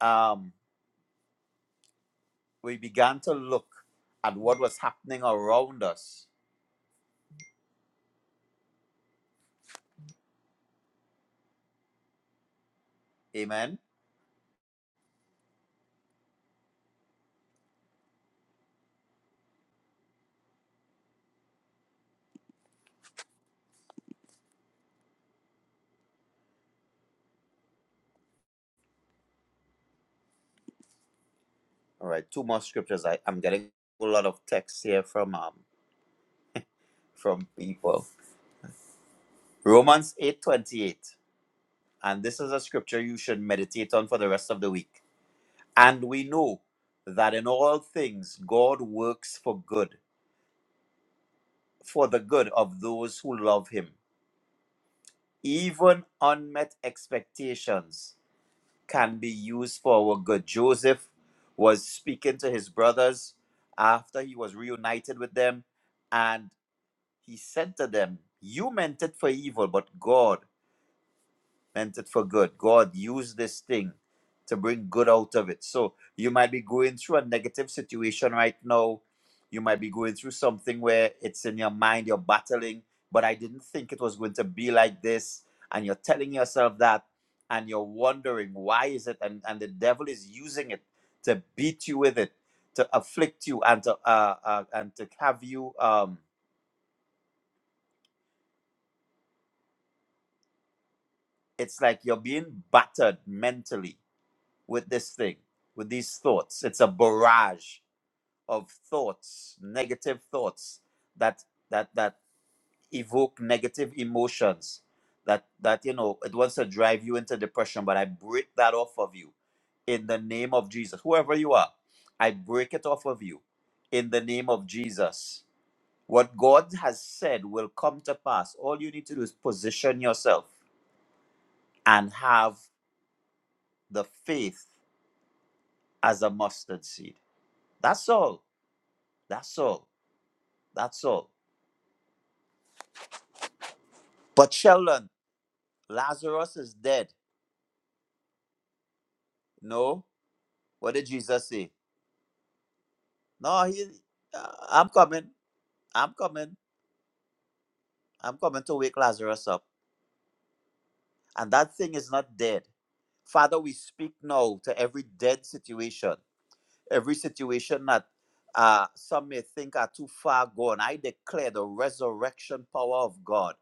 Um, we began to look at what was happening around us. Amen. All right, two more scriptures. I, I'm getting a lot of texts here from um from people. Romans 8 28, And this is a scripture you should meditate on for the rest of the week. And we know that in all things God works for good, for the good of those who love him. Even unmet expectations can be used for our good. Joseph was speaking to his brothers after he was reunited with them, and he said to them, You meant it for evil, but God meant it for good. God used this thing to bring good out of it. So you might be going through a negative situation right now. You might be going through something where it's in your mind, you're battling, but I didn't think it was going to be like this. And you're telling yourself that, and you're wondering why is it, and, and the devil is using it to beat you with it, to afflict you, and to uh, uh and to have you um. It's like you're being battered mentally with this thing, with these thoughts. It's a barrage of thoughts, negative thoughts that that that evoke negative emotions. That that you know it wants to drive you into depression, but I break that off of you in the name of Jesus. Whoever you are, I break it off of you in the name of Jesus. What God has said will come to pass. All you need to do is position yourself and have the faith as a mustard seed. That's all That's all. That's all. But Sheldon, Lazarus is dead. No. What did Jesus say? No, he. uh, I'm coming. I'm coming. I'm coming to wake Lazarus up. And that thing is not dead. Father, we speak now to every dead situation, every situation that uh, some may think are too far gone. I declare the resurrection power of God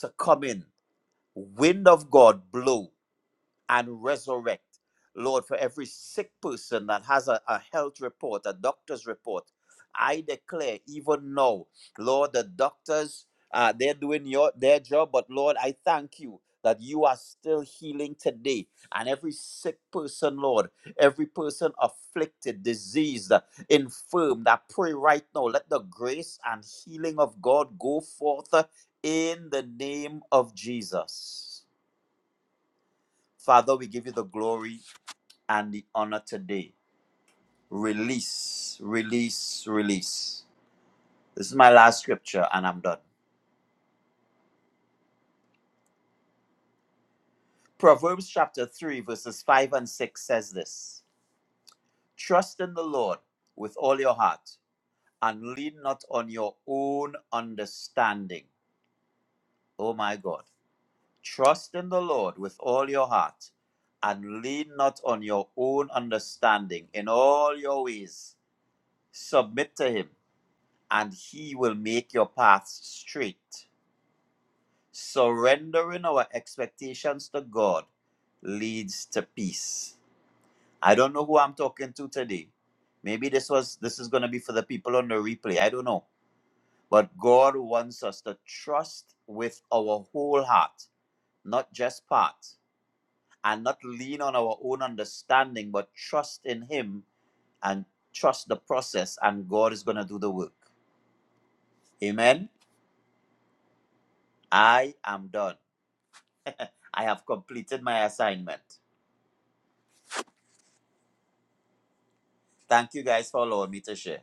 to come in. Wind of God blow and resurrect. Lord, for every sick person that has a, a health report, a doctor's report, I declare even now, Lord, the doctors uh, they're doing your their job, but Lord, I thank you that you are still healing today. And every sick person, Lord, every person afflicted, diseased, infirmed, I pray right now, let the grace and healing of God go forth uh, in the name of Jesus. Father, we give you the glory and the honor today. Release, release, release. This is my last scripture, and I'm done. Proverbs chapter 3, verses 5 and 6 says this Trust in the Lord with all your heart and lean not on your own understanding. Oh my God. Trust in the Lord with all your heart and lean not on your own understanding. In all your ways, submit to him, and he will make your paths straight. Surrendering our expectations to God leads to peace. I don't know who I'm talking to today. Maybe this was this is going to be for the people on the replay. I don't know. But God wants us to trust with our whole heart, not just part, and not lean on our own understanding, but trust in him and trust the process and God is going to do the work. Amen. I am done. I have completed my assignment. Thank you guys for allowing me to share.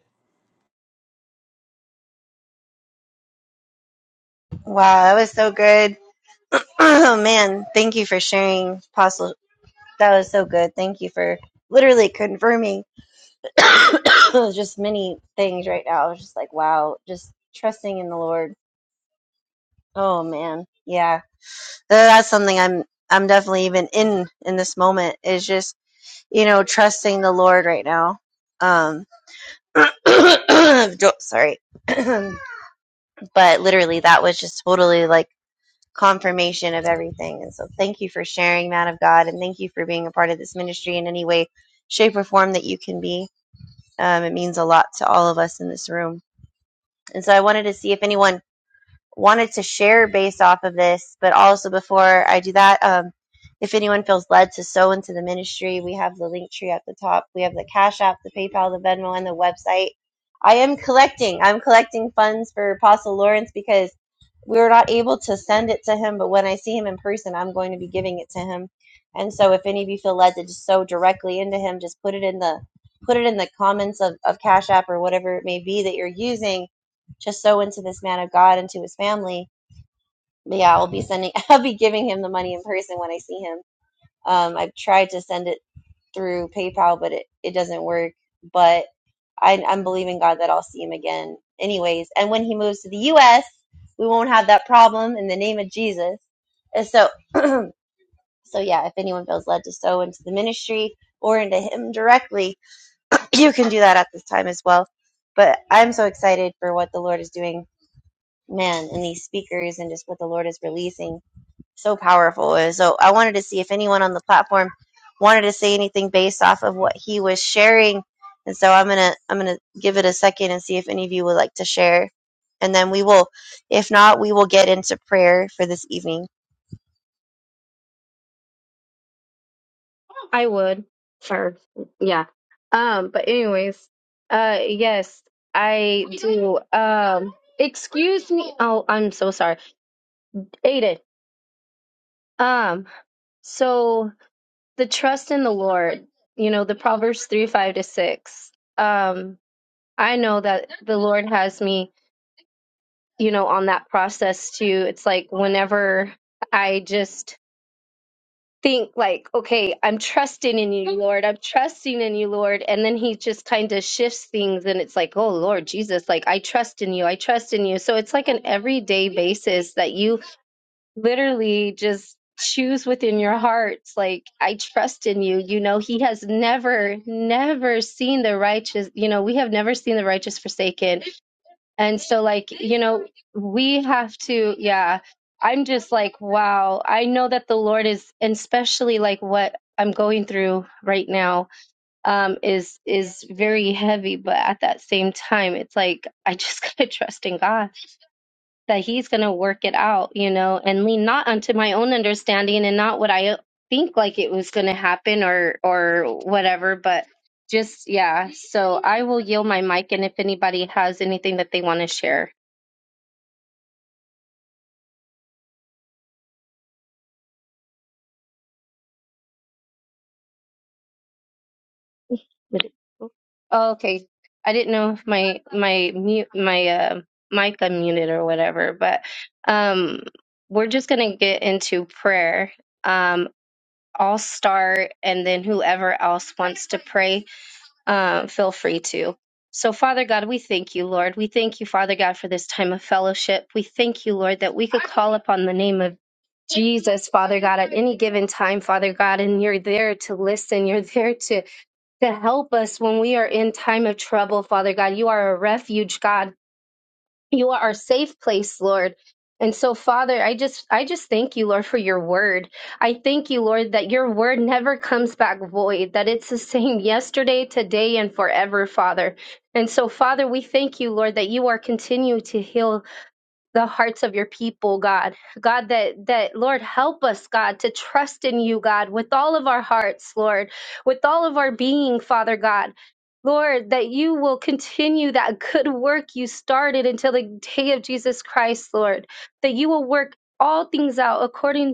wow, that was so good. Oh man, thank you for sharing, Apostle. That was so good. Thank you for literally confirming. just many things right now. I was just like, wow, just trusting in the Lord. Oh man, yeah, that's something I'm I'm definitely even in in this moment is just you know trusting the Lord right now. Um, jo- sorry, but literally that was just totally like confirmation of everything. And so thank you for sharing, man of God, and thank you for being a part of this ministry in any way, shape, or form that you can be. Um, it means a lot to all of us in this room And so I wanted to see if anyone wanted to share based off of this, but also before I do that, um, if anyone feels led to sow into the ministry, we have the link tree at the top. We have the Cash App, the PayPal, the Venmo, and the website. I am collecting. I'm collecting funds for Apostle Lawrence because we were not able to send it to him, but when I see him in person, I'm going to be giving it to him. And so if any of you feel led to just sow directly into him, just put it in the put it in the comments of, of Cash App or whatever it may be that you're using. Just sow into this man of God and to his family. But yeah, I'll be sending I'll be giving him the money in person when I see him. Um, I've tried to send it through PayPal, but it, it doesn't work. But I, I'm believing God that I'll see him again, anyways. And when he moves to the U.S., we won't have that problem in the name of Jesus. And so, so yeah, if anyone feels led to sow into the ministry or into him directly, you can do that at this time as well. But I'm so excited for what the Lord is doing, man, and these speakers and just what the Lord is releasing so powerful. And so I wanted to see if anyone on the platform wanted to say anything based off of what he was sharing. And so I'm gonna I'm gonna give it a second and see if any of you would like to share. And then we will, if not, we will get into prayer for this evening.
I would. Sure. Yeah. Um, but anyways, uh yes, I do. Um excuse me. Oh, I'm so sorry. Aiden. Um, so the trust in the Lord, you know, the Proverbs three, five to six. Um, I know that the Lord has me, you know, on that process too. It's like whenever I just think like, okay, I'm trusting in you, Lord. I'm trusting in you, Lord. And then he just kind of shifts things and it's like, oh, Lord Jesus, like I trust in you. I trust in you. So it's like an everyday basis that you literally just choose within your hearts like I trust in you. You know, he has never never seen the righteous, you know, we have never seen the righteous forsaken and so, like, you know, we have to, yeah. I'm just like, wow. I know that the Lord is, and especially like what I'm going through right now, um, is is very heavy. But at that same time, it's like I just gotta trust in God that He's gonna work it out, you know, and lean not unto my own understanding and not what I think like it was gonna happen or or whatever, but just yeah. So I will yield my mic, and if anybody has anything that they want to share. Did it- Oh, oh, okay. I didn't know if my my mute my uh, mic unmuted or whatever, but um, we're just gonna get into prayer. Um, I'll start, and then whoever else wants to pray um, feel free to. So, Father God, we thank you, Lord. We thank you, Father God, for this time of fellowship. We thank you, Lord, that we could call upon the name of Jesus, Father God, at any given time, Father God, and you're there to listen. You're there to, to help us when we are in time of trouble, Father God. You are a refuge, God you are our safe place lord and so father i just i just thank you lord for your word i thank you lord that your word never comes back void that it's the same yesterday today and forever father and so father we thank you lord that you are continuing to heal the hearts of your people, God. God, that, that, Lord, help us, God, to trust in you, God, with all of our hearts, Lord, with all of our being, Father God. Lord, that you will continue that good work you started until the day of Jesus Christ, Lord, that you will work all things out according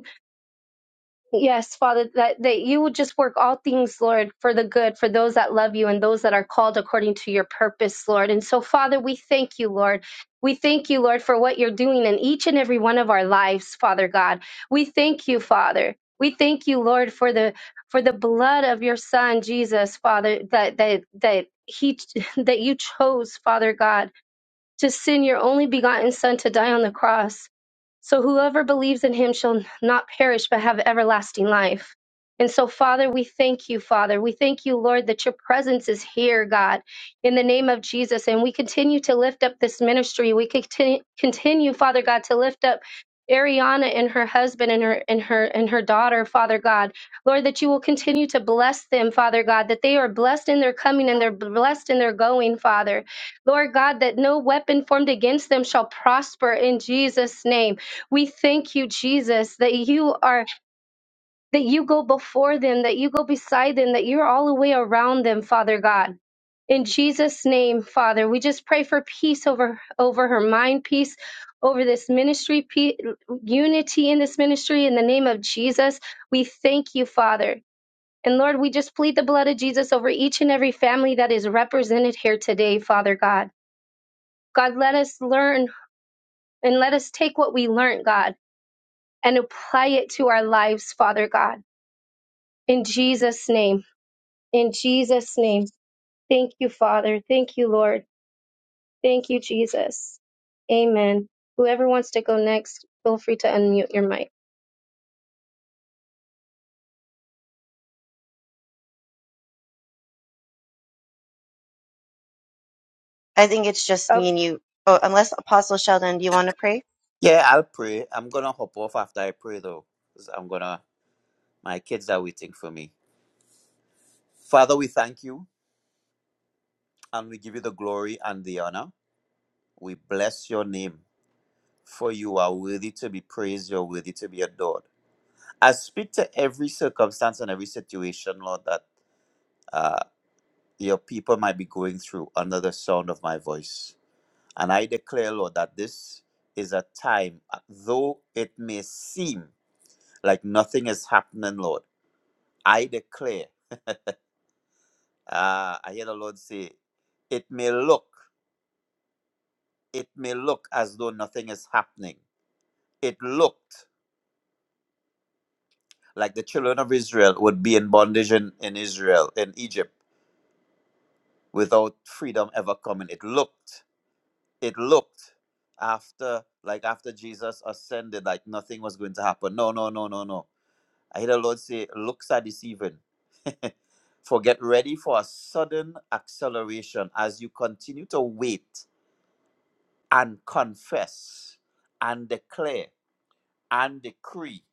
Yes, Father, that, that you would just work all things, Lord, for the good, for those that love you and those that are called according to your purpose, Lord. And so, Father, we thank you, Lord. We thank you, Lord, for what you're doing in each and every one of our lives, Father God. We thank you, Father. We thank you, Lord, for the for the blood of your Son, Jesus, Father, that that that he that you chose, Father God to send your only begotten Son to die on the cross. So whoever believes in him shall not perish, but have everlasting life. And so, Father, we thank you, Father. We thank you, Lord, that your presence is here, God, in the name of Jesus. And we continue to lift up this ministry. We continue, continue Father God, to lift up Ariana and her husband and her and her and her daughter, Father God. Lord, that you will continue to bless them, Father God, that they are blessed in their coming and they're blessed in their going, Father. Lord God, that no weapon formed against them shall prosper in Jesus' name. We thank you, Jesus, that you are, that you go before them, that you go beside them, that you're all the way around them, Father God. In Jesus' name, Father, we just pray for peace over, over her mind, peace over this ministry, pe- unity in this ministry. In the name of Jesus, we thank you, Father. And Lord, we just plead the blood of Jesus over each and every family that is represented here today, Father God. God, let us learn and let us take what we learned, God, and apply it to our lives, Father God. In Jesus' name, in Jesus' name. Thank you, Father. Thank you, Lord. Thank you, Jesus. Amen. Whoever wants to go next, feel free to unmute your mic.
I think it's just me
Up,
and you. Oh, unless Apostle Sheldon, do you want to pray?
Yeah, I'll pray. I'm going to hop off after I pray, though. 'cause I'm going to, my kids are waiting for me. Father, we thank you and we give you the glory and the honor. We bless your name, for you are worthy to be praised. You're worthy to be adored. I speak to every circumstance and every situation, Lord, that uh, your people might be going through under the sound of my voice. And I declare, Lord, that this is a time, uh, though it may seem like nothing is happening, Lord, I declare. Ah, I hear the Lord say, it may look, it may look as though nothing is happening. It looked like the children of Israel would be in bondage in, in Israel, in Egypt, without freedom ever coming. It looked, it looked after, like after Jesus ascended, like nothing was going to happen. No, no, no, no, no. I hear the Lord say, looks are deceiving. for get ready for a sudden acceleration as you continue to wait and confess and declare and decree.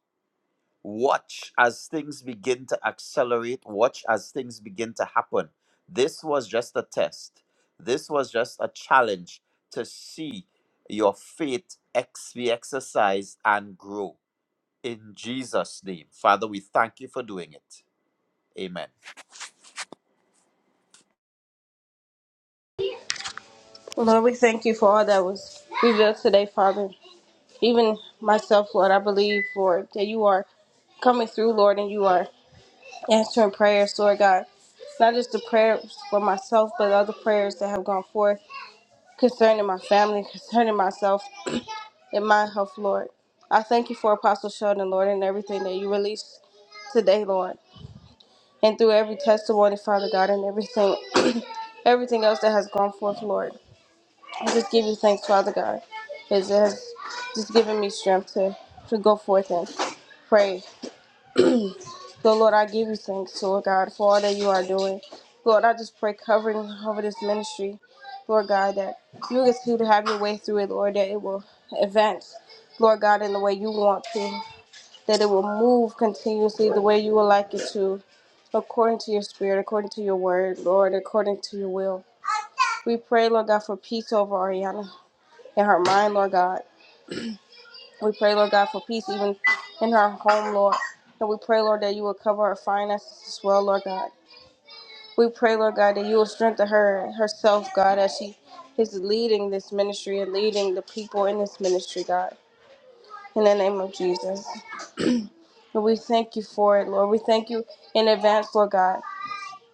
Watch as things begin to accelerate, watch as things begin to happen. This was just a test, this was just a challenge to see your faith ex- be exercised and grow in Jesus' name. Father, we thank you for doing it. Amen.
Lord, we thank you for all that was revealed today, Father. Even myself, Lord, I believe, Lord, that you are coming through, Lord, and you are answering prayers, Lord God. Not just the prayers for myself, but other prayers that have gone forth concerning my family, concerning myself, and my health, Lord. I thank you for Apostle Sheldon, Lord, and everything that you released today, Lord. And through every testimony, Father God, and everything everything else that has gone forth, Lord. I just give you thanks, Father God, because it has just given me strength to, to go forth and pray. So, Lord, I give you thanks, Lord God, for all that you are doing. Lord, I just pray covering over this ministry, Lord God, that you get to have your way through it, Lord, that it will advance, Lord God, in the way you want to, that it will move continuously the way you would like it to, according to your spirit, according to your word, Lord, according to your will. We pray, Lord God, for peace over Ariana in her mind, Lord God. We pray, Lord God, for peace even in her home, Lord. And we pray, Lord, that you will cover her finances as well, Lord God. We pray, Lord God, that you will strengthen her herself, God, as she is leading this ministry and leading the people in this ministry, God. In the name of Jesus. And we thank you for it, Lord. We thank you in advance, Lord God,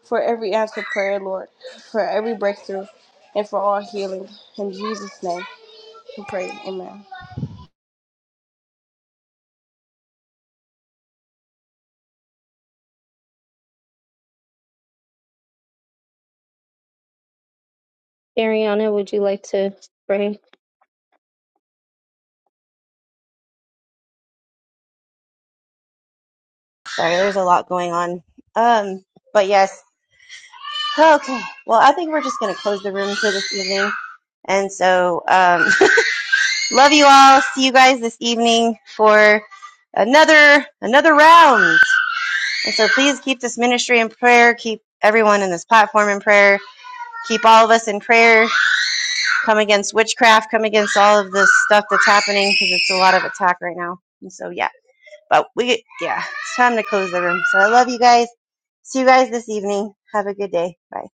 for every answered prayer, Lord, for every breakthrough, and for all healing. In Jesus' name, we pray. Amen.
Ariana, would you like to pray?
Sorry, there's a lot going on. Um, but yes. Okay. Well, I think we're just gonna close the room for this evening. And so, um, Love you all. See you guys this evening for another another round. And so please keep this ministry in prayer. Keep everyone in this platform in prayer. Keep all of us in prayer. Come against witchcraft. Come against all of this stuff that's happening because it's a lot of attack right now. And so yeah, but we yeah, it's time to close the room. So I love you guys. See you guys this evening. Have a good day. Bye.